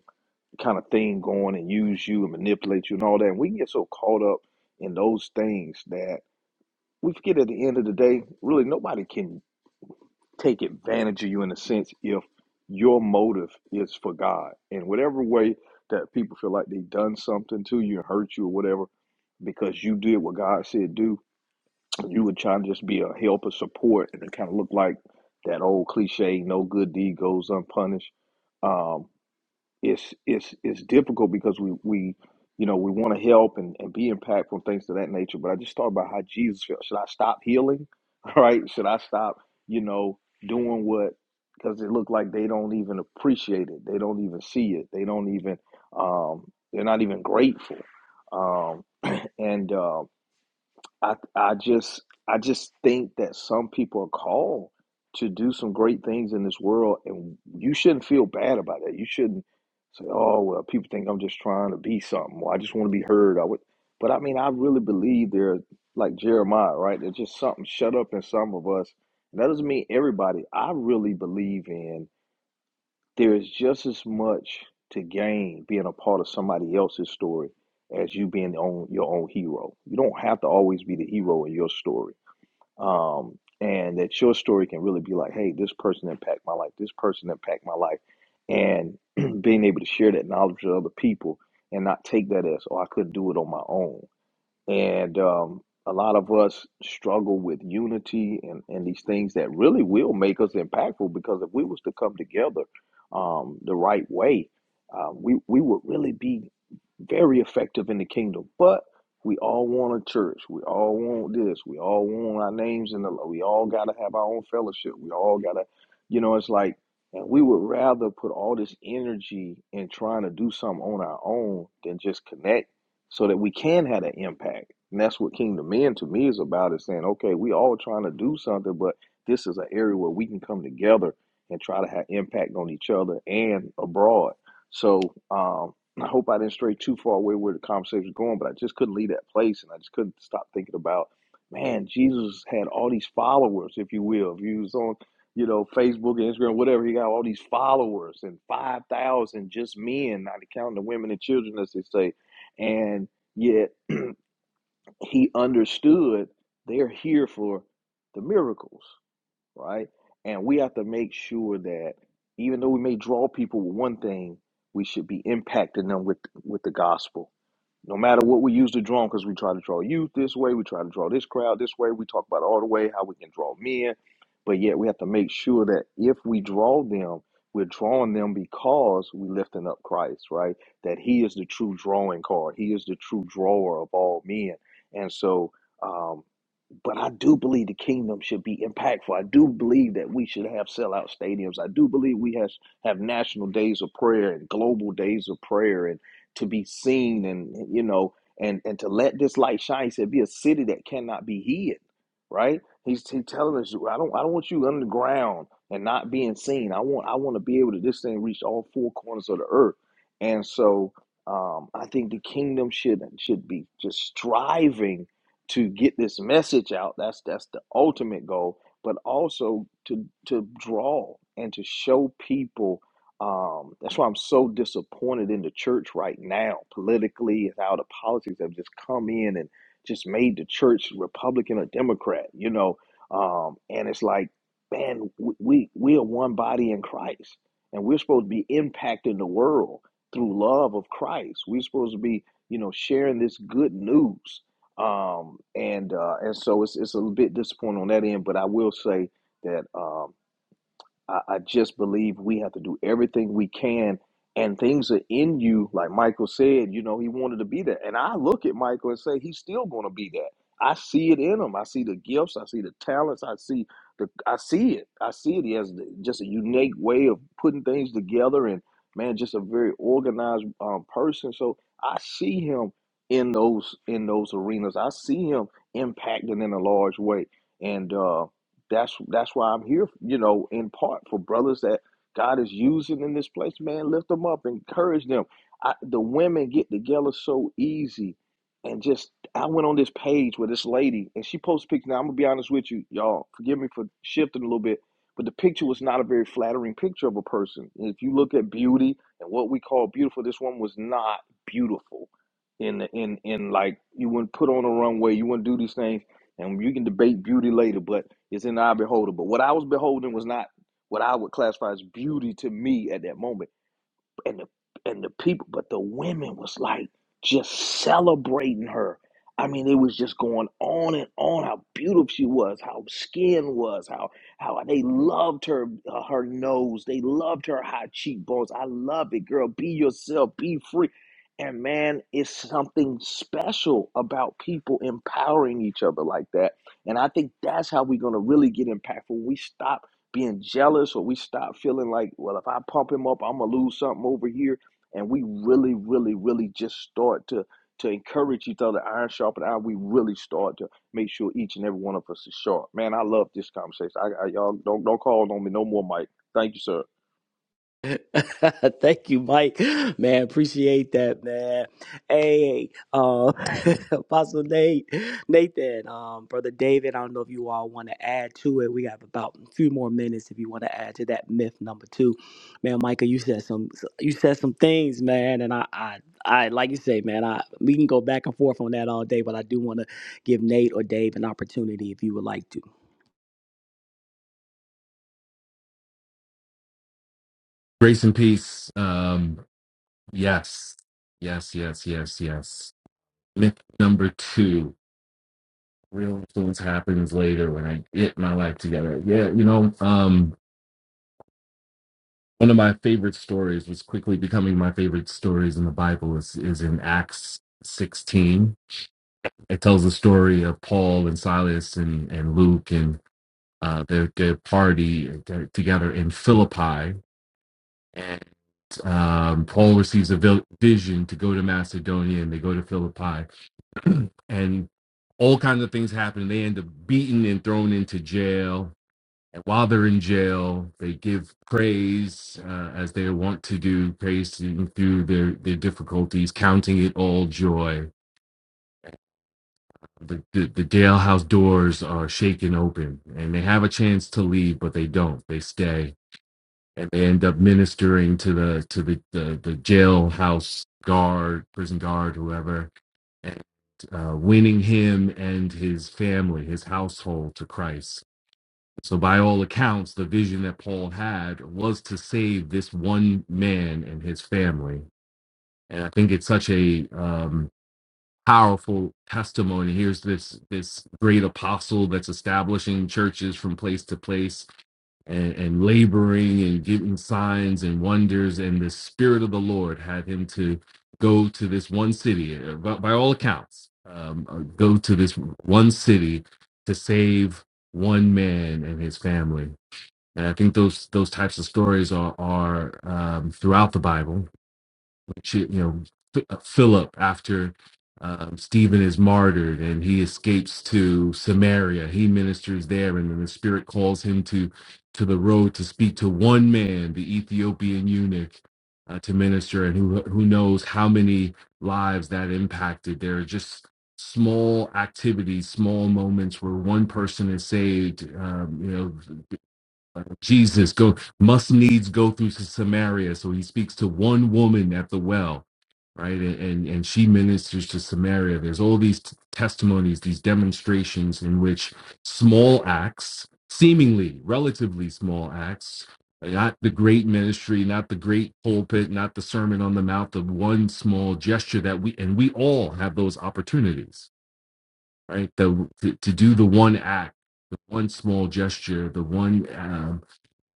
kind of thing going and use you and manipulate you and all that. And we get so caught up in those things that we forget at the end of the day, really nobody can take advantage of you in a sense if your motive is for God. In whatever way that people feel like they've done something to you and hurt you or whatever, because you did what God said do, you were trying to just be a helper, support, and it kind of looked like that old cliche, no good deed goes unpunished. Um, it's it's it's difficult because we we you know we want to help and, and be impactful and things of that nature but i just thought about how jesus felt should i stop healing (laughs) all right should i stop you know doing what because it looked like they don't even appreciate it they don't even see it they don't even um they're not even grateful um and um I I just I just think that some people are called to do some great things in this world, and you shouldn't feel bad about that. You shouldn't say, "Oh, well, people think I'm just trying to be something. Or I just want to be heard." I would, but I mean, I really believe there, like Jeremiah, right? There's just something shut up in some of us. And that doesn't mean everybody. I really believe in. There is just as much to gain being a part of somebody else's story as you being on your own hero. You don't have to always be the hero in your story. Um, and that your story can really be like, hey, this person impacted my life, this person impacted my life. And (clears throat) being able to share that knowledge with other people and not take that as, oh, I couldn't do it on my own and um, a lot of us struggle with unity and, and these things that really will make us impactful because if we was to come together um, the right way, uh, we, we would really be very effective in the kingdom. But we all want a church. We all want this. We all want our names in the. We all got to have our own fellowship. We all got to, you know, it's like, and we would rather put all this energy in trying to do something on our own than just connect so that we can have an impact. And that's what Kingdom Men to me is about is saying, okay, we all trying to do something, but this is an area where we can come together and try to have impact on each other and abroad. So um, I hope I didn't stray too far away where the conversation was going, but I just couldn't leave that place and I just couldn't stop thinking about, man, Jesus had all these followers, if you will. If he was on, you know, Facebook and Instagram, whatever, he got all these followers and 5,000 just men, not counting the women and children, as they say and yet he understood they're here for the miracles, right? And we have to make sure that even though we may draw people with one thing, we should be impacting them with with the gospel no matter what we use to draw, because we try to draw youth this way, we try to draw this crowd this way, we talk about all the way how we can draw men, but yet we have to make sure that if we draw them, we're drawing them because we lifting up Christ, right? That He is the true drawing card. He is the true drawer of all men, and so. Um, but I do believe the kingdom should be impactful. I do believe that we should have sellout stadiums. I do believe we have have national days of prayer and global days of prayer and to be seen and you know and and to let this light shine. He said, "Be a city that cannot be hid." Right? He's he telling us, "I don't I don't want you underground and not being seen. I want I want to be able to this thing reach all four corners of the earth." And so um, I think the kingdom should should be just striving to get this message out. That's that's the ultimate goal, but also to to draw and to show people. Um, that's why I'm so disappointed in the church right now, politically, is how the politics have just come in and just made the church Republican or Democrat, you know. Um, and it's like, man, we, we we are one body in Christ, and we're supposed to be impacting the world through love of Christ. We're supposed to be, you know, sharing this good news um, and uh, and so it's it's a bit disappointing on that end. But I will say that um, I, I just believe we have to do everything we can. And things are in you, like Michael said, you know, he wanted to be that. And I look at Michael and say, he's still going to be that. I see it in him. I see the gifts. I see the talents. I see the. I see it. I see it. He has the- just a unique way of putting things together, and man, just a very organized um, person. So I see him in those in those arenas. I see him impacting in a large way. And uh, that's that's why I'm here, you know, in part for brothers that God is using in this place. Man, lift them up, encourage them. I, the women get together so easy, and just I went on this page with this lady, and she posted pictures. Now I'm gonna be honest with you, y'all. Forgive me for shifting a little bit, but the picture was not a very flattering picture of a person. If you look at beauty and what we call beautiful, this one was not beautiful. In the in in like you wouldn't put on a runway, you wouldn't do these things and you can debate beauty later. But is in our beholder. But what I was beholding was not what I would classify as beauty to me at that moment and the and the people, but the women was like just celebrating her. I mean, it was just going on and on how beautiful she was, how skin was, how how they loved her uh, her nose, they loved her high cheekbones. I love it, girl. Be yourself, be free. And man, it's something special about people empowering each other like that. And I think that's how we're going to really get impactful. We stop being jealous or we stop feeling like, well, if I pump him up, I'm gonna lose something over here. And we really, really, really just start to to encourage each other, iron sharpen iron. We really start to make sure each and every one of us is sharp. Man, I love this conversation. I, I y'all don't don't call on me no more, Mike. Thank you, sir.
(laughs) Thank you, Mike. Man, appreciate that, man. Hey, uh, (laughs) Apostle Nate, Nathan, um, Brother David, I don't know if you all want to add to it. We have about a few more minutes if you want to add to that myth number two. Man, Michael, you said some you said some things, man, and I I, I like you say, man, I we can go back and forth on that all day, but I do want to give Nate or Dave an opportunity if you would like to.
Grace and peace. Um, yes, yes, yes, yes, yes. Myth number two: real influence happens later when I get my life together. Yeah, you know, um, one of my favorite stories was quickly becoming my favorite stories in the Bible is is in Acts sixteen. It tells the story of Paul and Silas and and Luke and uh, their their party uh, together in Philippi, Um, Paul receives a vil- vision to go to Macedonia, and they go to Philippi, and all kinds of things happen. And they end up beaten and thrown into jail. And while they're in jail, they give praise uh, as they want to do, praising through their, their difficulties, counting it all joy. The, the, the jailhouse doors are shaken open, and they have a chance to leave, but they don't. They stay and they end up ministering to the to the the, the jailhouse guard, prison guard, whoever, and uh, winning him and his family, his household to Christ. So, by all accounts, the vision that Paul had was to save this one man and his family. And I think it's such a um, powerful testimony. Here's this this great apostle that's establishing churches from place to place and, and laboring and giving signs and wonders. And the spirit of the Lord had him to go to this one city, uh, by, by all accounts, um, uh, go to this one city to save one man and his family. And I think those those types of stories are are um, throughout the Bible which you know Ph- uh, Philip after um, Stephen is martyred and he escapes to Samaria. He ministers there, and then the Spirit calls him to to the road to speak to one man, the Ethiopian eunuch, uh, to minister, and who who knows how many lives that impacted. There are just small activities, small moments where one person is saved. Um, you know, Jesus go must needs go through to Samaria. So he speaks to one woman at the well, right? And and, and she ministers to Samaria. There's all these t- testimonies, these demonstrations in which small acts, seemingly relatively small acts, not the great ministry, not the great pulpit, not the sermon on the mount, the one small gesture that we and we all have those opportunities, right? The to, to do the one act, the one small gesture, the one um,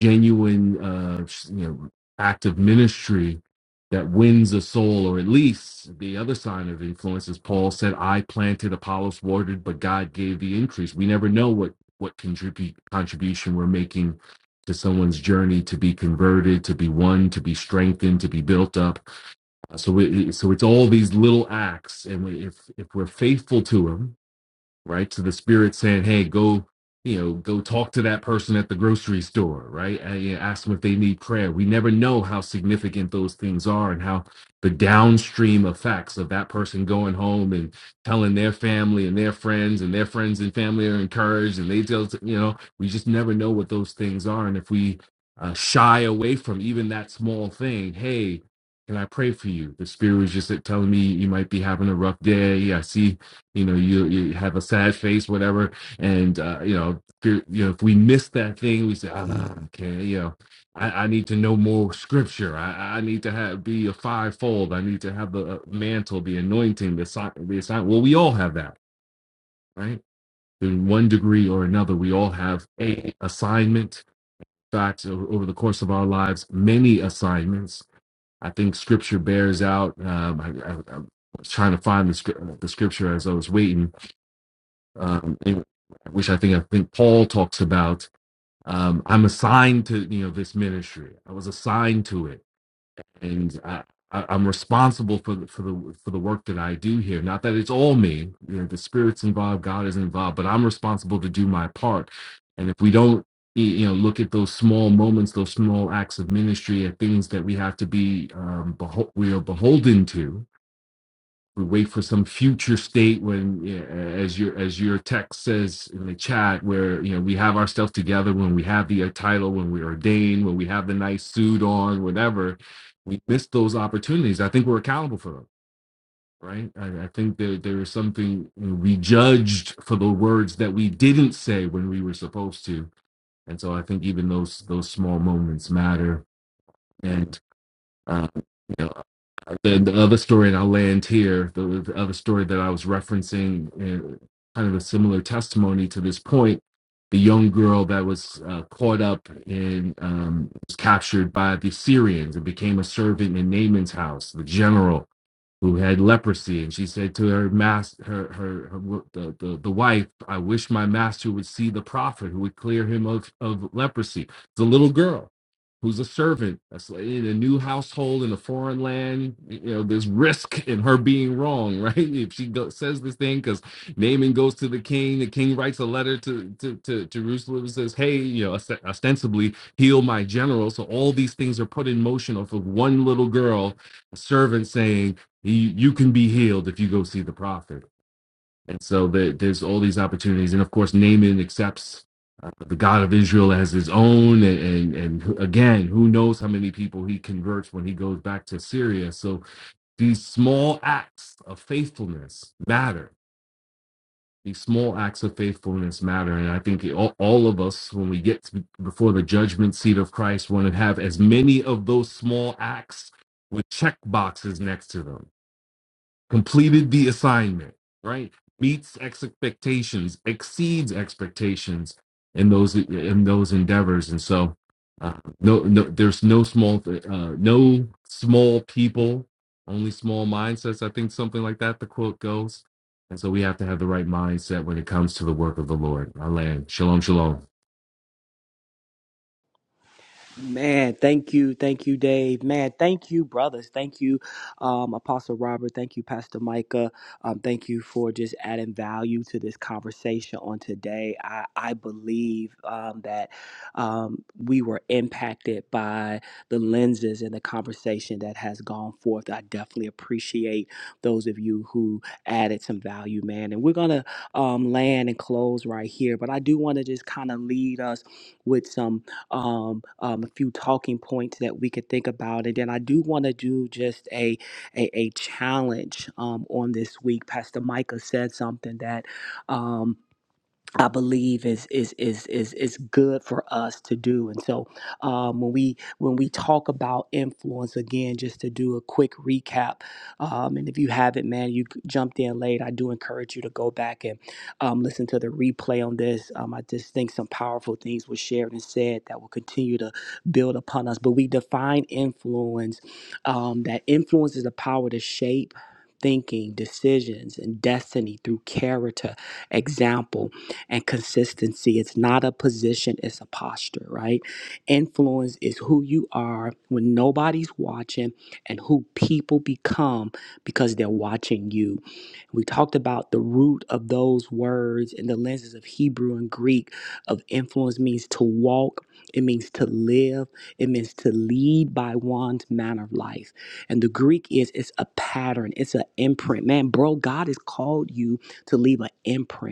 genuine uh you know act of ministry that wins a soul or at least the other sign of influence is paul said i planted apollos watered but god gave the increase we never know what what contribute contribution we're making to someone's journey to be converted to be won, to be strengthened to be built up Uh, so it, it- so it's all these little acts and we, if if we're faithful to them right? So the spirit saying, "Hey, go, you know, go talk to that person at the grocery store, right? And, you know, ask them if they need prayer." We never know how significant those things are and how the downstream effects of that person going home and telling their family and their friends and their friends and family are encouraged and they tell you know we just never know what those things are and if we uh, shy away from even that small thing hey can i pray for you the spirit was just telling me you might be having a rough day i see you know you you have a sad face whatever and uh you know if you're- you know if we miss that thing we say ah, okay you know I, I need to know more scripture i i need to have be a fivefold i need to have the uh, mantle the anointing the sign the assign well we all have that right in one degree or another we all have a assignment In fact o- over the course of our lives many assignments i think scripture bears out um i, I, I was trying to find the, scrip- the scripture as i was waiting um, which I think I think Paul talks about. Um, I'm assigned to you know this ministry. I was assigned to it, and I, I, I'm responsible for the, for the for the work that I do here. Not that it's all me. You know, the spirit's involved, God is involved, but I'm responsible to do my part. And if we don't y- you know look at those small moments those small acts of ministry at things that we have to be um beho- we are beholden to we wait for some future state when yeah, as your as your text says in the chat where you know we have ourselves together when we have the title when we're ordained when we have the nice suit on whatever we miss those opportunities i think we're accountable for them right i, I think that there is something you know, we judged for the words that we didn't say when we were supposed to and so i think even those those small moments matter and uh, you know the, the other story, and I'll land here. The, the other story that I was referencing, and kind of a similar testimony to this point, the young girl that was uh, caught up and um, was captured by the Syrians and became a servant in Naaman's house, the general who had leprosy and she said to her master her her, her the, the the wife i wish my master would see the prophet who would clear him of of leprosy the little girl who's a servant a sla- in a new household in a foreign land you know there's risk in her being wrong right (laughs) if she go, says this thing because naaman goes to the king the king writes a letter to to, to jerusalem and says hey you know ost- ostensibly heal my general so all these things are put in motion off of one little girl a servant saying you, you can be healed if you go see the prophet. And so there there's all these opportunities. And of course, Naaman accepts the God of Israel as his own. And, and, and again, who knows how many people he converts when he goes back to Syria. So these small acts of faithfulness matter. These small acts of faithfulness matter. And I think all, all of us, when we get to, before the judgment seat of Christ, want to have as many of those small acts with check boxes next to them completed the assignment, right? Meets expectations, exceeds expectations in those in those endeavors, and so uh, no, no, there's no small, th- uh, no small people, only small mindsets. I think something like that. The quote goes, and so we have to have the right mindset when it comes to the work of the Lord. Our land, shalom, shalom.
Man, thank you, thank you, Dave. Man, thank you, brothers. Thank you, um, Apostle Robert. Thank you, Pastor Micah. Um, thank you for just adding value to this conversation on today. I, I believe um, that um, we were impacted by the lenses and the conversation that has gone forth. I definitely appreciate those of you who added some value, man. And we're gonna um, land and close right here, but I do want to just kind of lead us with some um, um, a few talking points that we could think about. And then I do want to do just a, a, a challenge um, on this week. Pastor Micah said something that. um, I believe is is is is is good for us to do. And so um, when we when we talk about influence again, just to do a quick recap, um, and if you haven't, man, you jumped in late. I do encourage you to go back and um, listen to the replay on this. Um, I just think some powerful things were shared and said that will continue to build upon us. But we define influence. Um, that influence is the power to shape. Thinking, decisions, and destiny through character, example, and consistency. It's not a position, it's a posture, right? Influence is who you are when nobody's watching and who people become because they're watching you. We talked about the root of those words in the lenses of Hebrew and Greek of influence means to walk, it means to live, it means to lead by one's manner of life. And the Greek is it's a pattern, it's an imprint. Man, bro, God has called you to leave an imprint.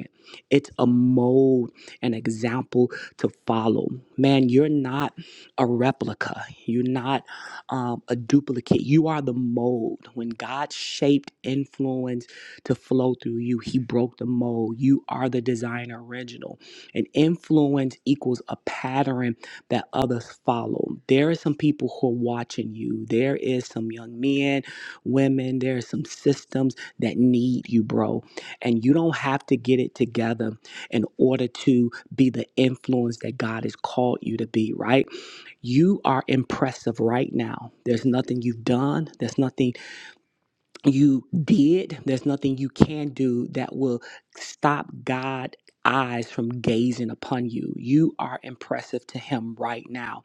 It's a mold, an example to follow. Man, you're not a replica. You're not um, a duplicate. You are the mold. When God shaped influence to flow through you, He broke the mold. You are the designer original. And influence equals a pattern that others follow. There are some people who are watching you. There is some young men, women. There are some systems that need you, bro and you don't have to get it together in order to be the influence that God has called you to be, right? You are impressive right now. There's nothing you've done, there's nothing you did, there's nothing you can do that will stop God. Eyes from gazing upon you. You are impressive to him right now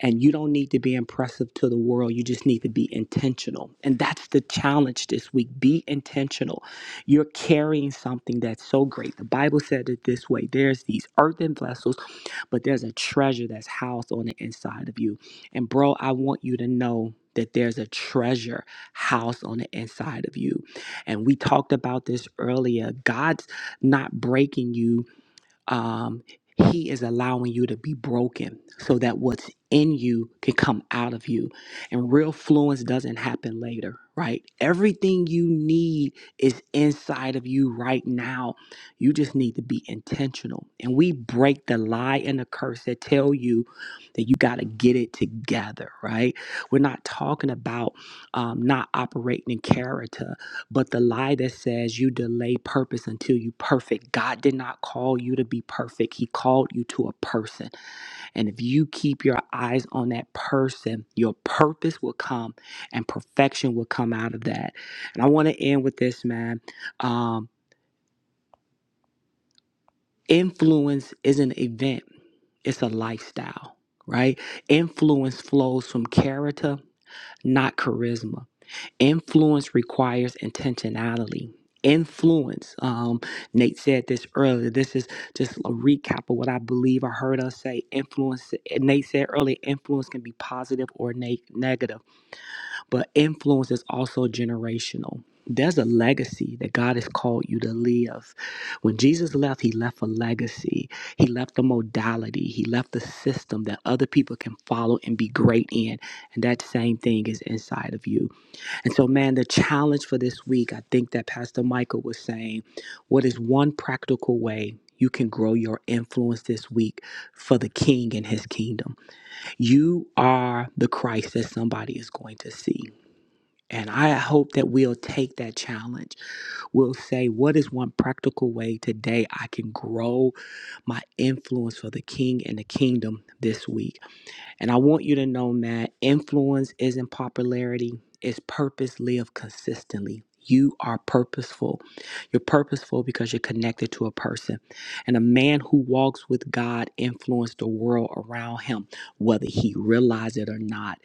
and you don't need to be impressive to the world. You just need to be intentional. And that's the challenge this week. Be intentional. You're carrying something that's so great. The Bible said it this way there's these earthen vessels, but there's a treasure that's housed on the inside of you. And, bro, I want you to know that there's a treasure housed on the inside of you. And we talked about this earlier. God's not breaking you um, he is allowing you to be broken so that what's in you can come out of you. And real fluence doesn't happen later, right? Everything you need is inside of you right now. You just need to be intentional. And we break the lie and the curse that tell you that you got to get it together, right? We're not talking about um, not operating in character. But the lie that says you delay purpose until you perfect, God did not call you to be perfect. He called you to a person. And if you keep your eyes on that person, your purpose will come and perfection will come out of that. And I want to end with this, man. Um, influence is an event, it's a lifestyle, right? Influence flows from character, not charisma. influence requires intentionality influence um nate said this earlier this is just a recap of what i believe i heard us say influence nate said earlier influence can be positive or ne- negative but influence is also generational there's a legacy that god has called you to live when jesus left he left a legacy he left the modality he left the system that other people can follow and be great in and that same thing is inside of you and so, man, the challenge for this week, I think that Pastor Michael was saying, what is one practical way you can grow your influence this week for the king and his kingdom? You are the Christ that somebody is going to see. And I hope that we'll take that challenge. We'll say, what is one practical way today I can grow my influence for the king and the kingdom this week? And I want you to know that influence isn't popularity, it's purpose lived consistently. You are purposeful. You're purposeful because you're connected to a person. And a man who walks with God influences the world around him, whether he realizes it or not.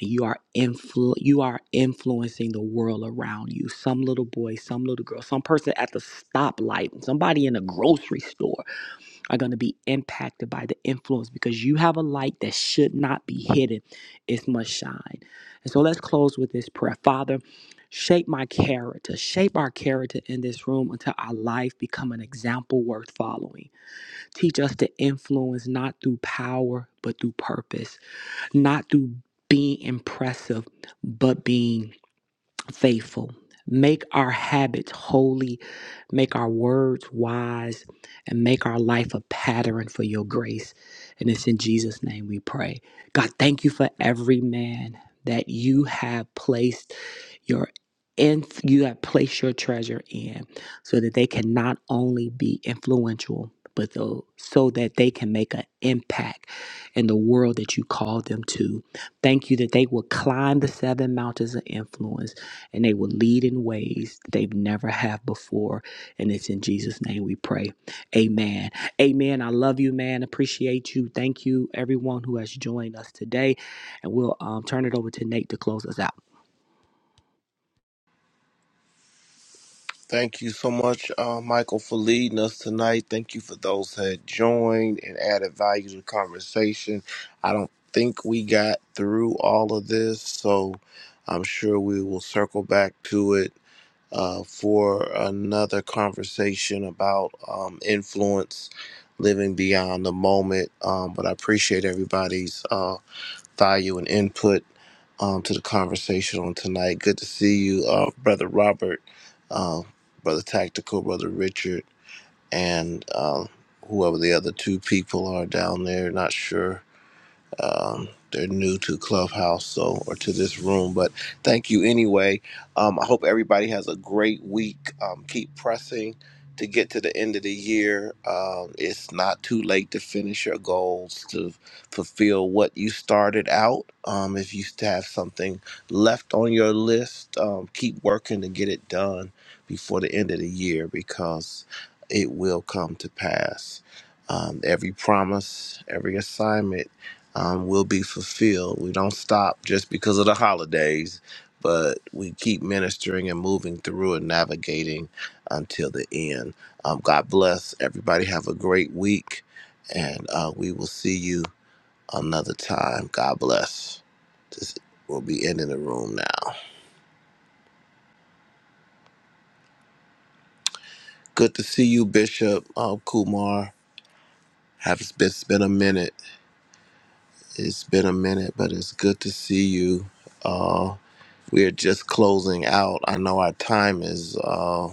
And you are influ- you are influencing the world around you. Some little boy, some little girl, some person at the stoplight, somebody in a grocery store are going to be impacted by the influence because you have a light that should not be hidden. It must shine. And so let's close with this prayer. Father, shape my character. Shape our character in this room until our life become an example worth following. Teach us to influence not through power, but through purpose, not through being impressive, but being faithful. Make our habits holy, make our words wise, and make our life a pattern for your grace. And it's in Jesus' name we pray. God, thank you for every man that you have placed your in, you have placed your treasure in so that they can not only be influential, but though, so that they can make an impact in the world that you called them to. Thank you that they will climb the seven mountains of influence and they will lead in ways that they've never have before. And it's in Jesus' name we pray. Amen. Amen. I love you, man. Appreciate you. Thank you, everyone who has joined us today. And we'll um, turn it over to Nate to close us out.
thank you so much uh, michael for leading us tonight thank you for those that joined and added value to the conversation i don't think we got through all of this so i'm sure we will circle back to it uh, for another conversation about um, influence, living beyond the moment. Um, but I appreciate everybody's uh, value and input um, to the conversation on tonight. Good to see you, uh, Brother Robert, uh, Brother Tactical, Brother Richard, and uh, whoever the other two people are down there. Not sure um, they're new to Clubhouse, so or to this room, but thank you anyway. Um, I hope everybody has a great week. Um, keep pressing to get to the end of the year. Um, it's not too late to finish your goals, to fulfill what you started out. Um, if you still have something left on your list, um, keep working to get it done before the end of the year because it will come to pass. Um, every promise, every assignment um, will be fulfilled. We don't stop just because of the holidays, but we keep ministering and moving through and navigating until the end. Um, God bless everybody. Have a great week, and uh, we will see you another time. God bless. This will be ending the room now. Good to see you, Bishop uh, Kumar. Have it's been, it's been a minute. It's been a minute, but it's good to see you. all. We're just closing out. I know our time is uh,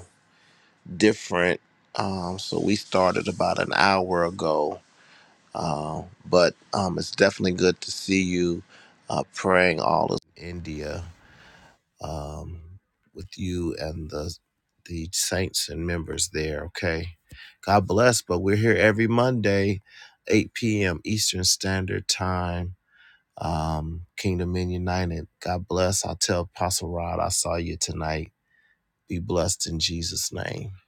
different, um, so we started about an hour ago. Uh, but um, it's definitely good to see you uh, praying all of India um, with you and the the saints and members there. Okay, God bless. But we're here every Monday, 8 p.m. Eastern Standard Time. Um, Kingdom Men United. God bless. i tell Apostle Rod I saw you tonight be blessed in Jesus' name.